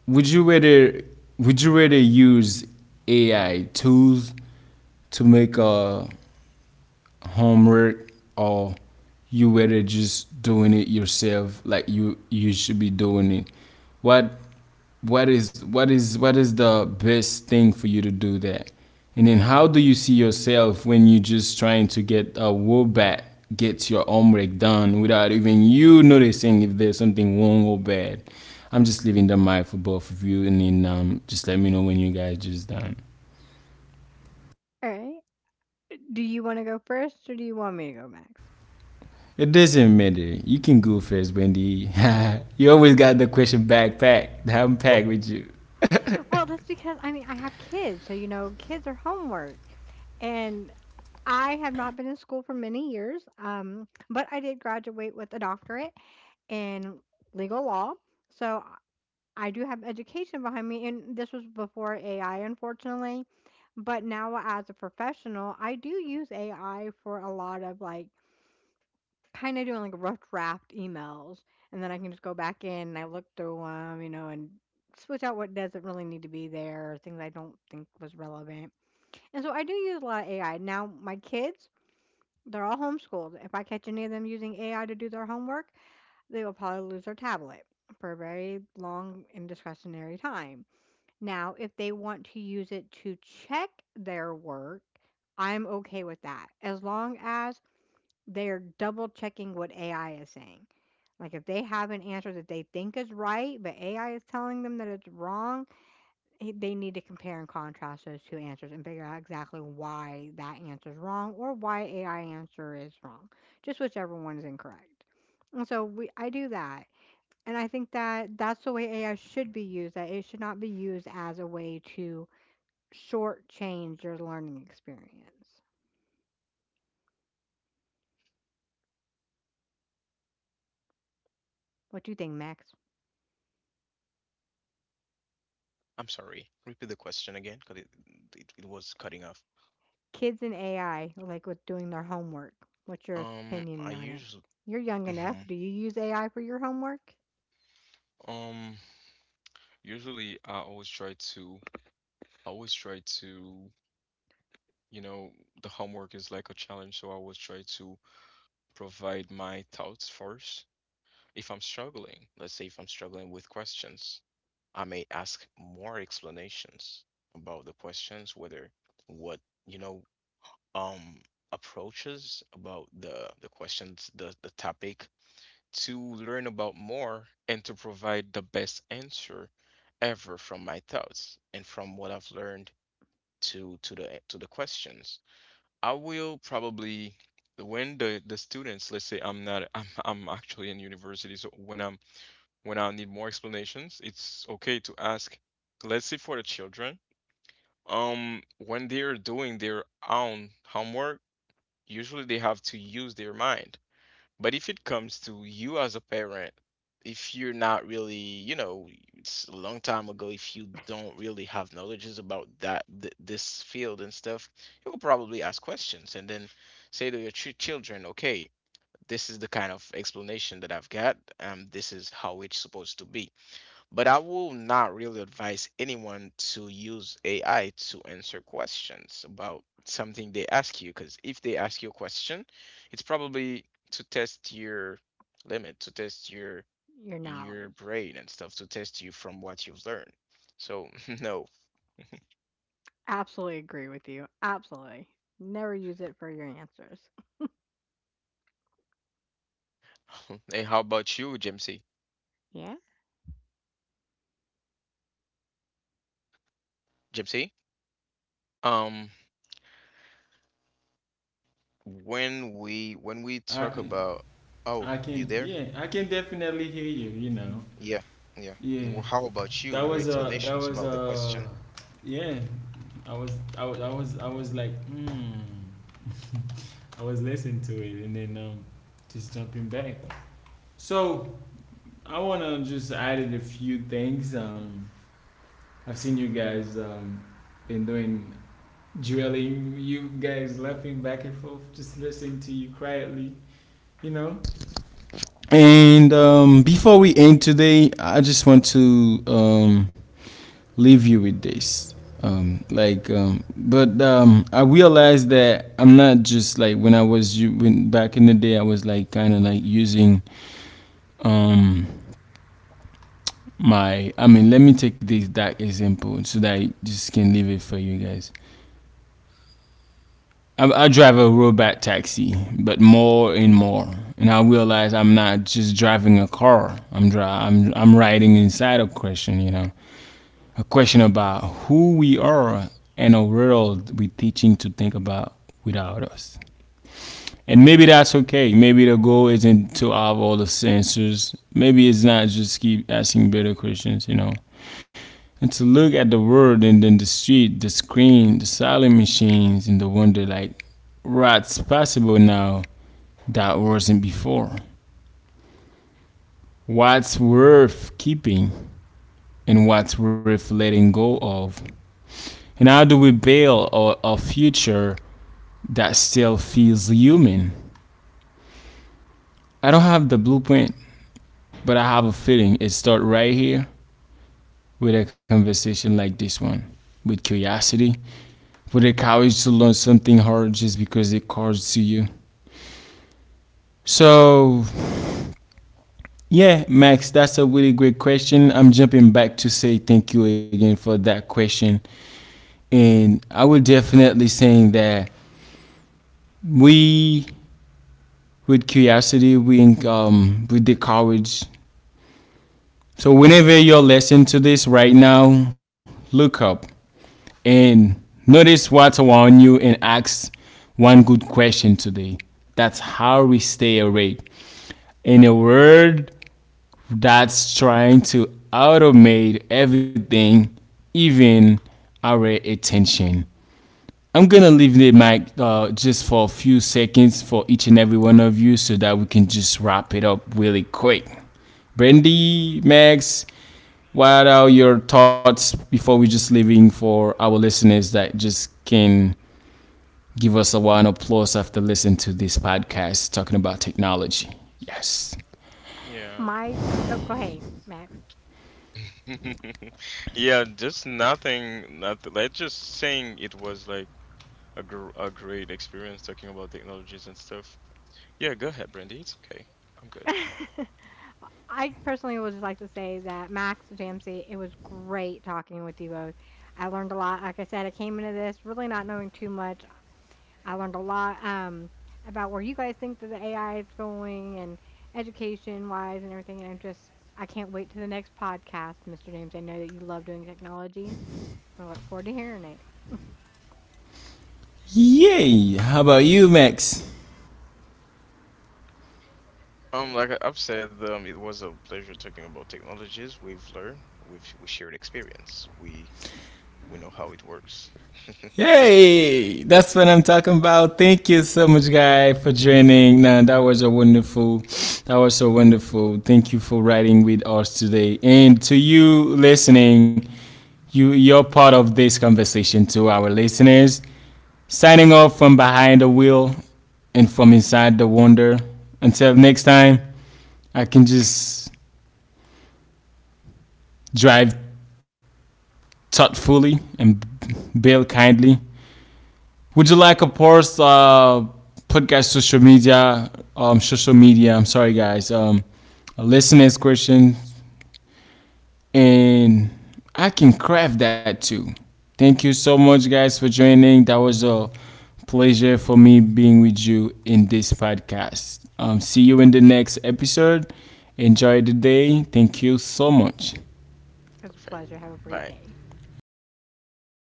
Speaker 1: would you rather would you rather use AI tools to make a homework or you whether just doing it yourself, like you should be doing it. what what is the best thing for you to do that? And then how do you see yourself when you just trying to get a wool back, get your homework done without even you noticing if there's something wrong or bad? I'm just leaving the mic for both of you, and then just let me know when you guys just done.
Speaker 2: All right. Do you wanna go first or do you want me to go next?
Speaker 1: It doesn't matter. You can go first, Wendy. [LAUGHS] You always got the question backpack. I'm packed with you.
Speaker 2: Well, that's because I mean, I have kids, so, you know, kids are homework. And I have not been in school for many years, but I did graduate with a doctorate in legal law. So I do have education behind me, and this was before AI, unfortunately. But now, as a professional, I do use AI for a lot of like kinda doing, like, rough draft emails, and then I can just go back in and I look through them, you know, and switch out what doesn't really need to be there or things I don't think was relevant. And so I do use a lot of AI. Now, my kids, they're all homeschooled. If I catch any of them using AI to do their homework, they will probably lose their tablet for a very long and discretionary time. Now, if they want to use it to check their work, I'm okay with that, as long as they are double checking what AI is saying. Like if they have an answer that they think is right, but AI is telling them that it's wrong, eh, they need to compare and contrast those two answers and figure out exactly why that answer is wrong or why AI answer is wrong, just whichever one is incorrect. And so we, I do that, and I think that that's the way AI should be used. That it should not be used as a way to shortchange your learning experience. What do you think, Max?
Speaker 3: I'm sorry. Repeat the question again, because it it was cutting off.
Speaker 2: Kids and AI, like with doing their homework. What's your
Speaker 3: I
Speaker 2: opinion on it?
Speaker 3: usually,
Speaker 2: You're young enough.
Speaker 3: mm-hmm,
Speaker 2: Do you use AI for your homework?
Speaker 3: um usually I always try to, you know, the homework is like a challenge, so I always try to provide my thoughts first. If I'm struggling, let's say if I'm struggling with questions, I may ask more explanations about the questions, whether what, you know, um, approaches about the questions, the topic, to learn about more and to provide the best answer ever from my thoughts and from what I've learned, to the, to the questions. I will probably When the students, let's say, I'm not, [LAUGHS] I'm actually in university, so when I'm, when I need more explanations, it's okay to ask. Let's say for the children, when they're doing their own homework, usually they have to use their mind. But if it comes to you as a parent, if you're not really, you know, it's a long time ago, if you don't really have knowledges about that th this field and stuff, you will probably ask questions and then say to your ch children, okay, this is the kind of explanation that I've got. This is how it's supposed to be. But I will not really advise anyone to use AI to answer questions about something they ask you, because if they ask you a question, it's probably to test your limit, to test your
Speaker 2: Your
Speaker 3: your
Speaker 2: knowledge.
Speaker 3: brain and stuff, to test you from what you've learned. So [LAUGHS] no.
Speaker 2: Absolutely agree with you. Absolutely. Never use it for your answers.
Speaker 3: [LAUGHS] And how about you, Jimsy?
Speaker 2: Yeah.
Speaker 3: Jimsy? Um, when we, when we
Speaker 1: I
Speaker 3: talk about, oh,
Speaker 1: I
Speaker 3: you
Speaker 1: can,
Speaker 3: there?
Speaker 1: yeah, I can definitely hear you, you know.
Speaker 3: Yeah, yeah. Y-
Speaker 1: Yeah.
Speaker 3: well, how about you? Your
Speaker 1: That
Speaker 3: explanations
Speaker 1: was
Speaker 3: about the
Speaker 1: a
Speaker 3: question?
Speaker 1: Yeah. I was I was like, hmm. I was listening to it and then just jumping back. So I wanna just add in a few things. I've seen you guys been doing drilling, you guys laughing back and forth, just listening to you quietly, you know? And before we end today, I just want to leave you with this. Like, but I realized that I'm not just like when when back in the day. I was like kind of like using um, my. I mean, let me take this that example so that I just can leave it for you guys. I drive a robot taxi, but more and more, and I realize I'm not just driving a car. I'm dri- I'm riding inside a question, you know, a question about who we are and a world we're teaching to think about without us. And maybe that's okay. Maybe the goal isn't to have all the answers. Maybe it's not just keep asking better questions, you know, and to look at the world and then the street, the screen, the silent machines, and the wonder, like what's possible now that wasn't before. What's worth keeping and what's worth letting go of? And how do we build a future that still feels human? I don't have the blueprint, but I have a feeling it starts right here, with a conversation like this one, with curiosity, with the courage to learn something hard just because it calls to you. So, yeah, Max, that's a really great question. I'm jumping back to say thank you again for that question. And I would definitely saying that we, with curiosity, we with the courage. So whenever you're listening to this right now, look up and notice what's around you and ask one good question today. That's how we stay awake. In a world that's trying to automate everything, even our attention. I'm gonna leave the mic just for a few seconds for each and every one of you so that we can just wrap it up really quick. Brandy, Max, what are your thoughts before we just leaving for our listeners that just can give us a one applause after listening to this podcast talking about technology? Yes.
Speaker 3: Yeah.
Speaker 2: My... oh, go
Speaker 3: Um.
Speaker 2: ahead, Max.
Speaker 3: [LAUGHS] Yeah, just nothing like, just saying it was like a gr a great experience talking about technologies and stuff. Yeah, go ahead, Brandy. It's okay. I'm good.
Speaker 2: [LAUGHS] I personally would just like to say that Max JMC, it was great talking with you both. I learned a lot. Like I said, I came into this really not knowing too much. I learned a lot, about where you guys think that the AI is going and education wise and everything. And I'm just, I can't wait to the next podcast, Mr. James. I know that you love doing technology. I look forward to hearing it.
Speaker 1: Yay! How about you, Max?
Speaker 3: Like I've said, it was a pleasure talking about technologies. We've learned, we shared experience. We know how it works. [LAUGHS] Thank you.
Speaker 1: Hey, that's what I'm talking about. Thank you so much, guy, for joining. Now that was a wonderful, that was so wonderful. Thank you for writing with us today, and to you listening, you're part of this conversation, to our listeners. Signing off from behind the wheel and from inside the wonder. Until next time, I can just drive thoughtfully and build kindly. Would you like, of course, put guys social media, social media. I'm sorry, guys. Listeners question, and I can craft that too. Thank you so much, guys, for joining. That was a pleasure for me being with you in this podcast. See you in the next episode. Enjoy the day. Thank you so much.
Speaker 2: It was a
Speaker 3: Perfect.
Speaker 2: pleasure. Have a great
Speaker 3: Bye.
Speaker 2: day.
Speaker 1: Okay.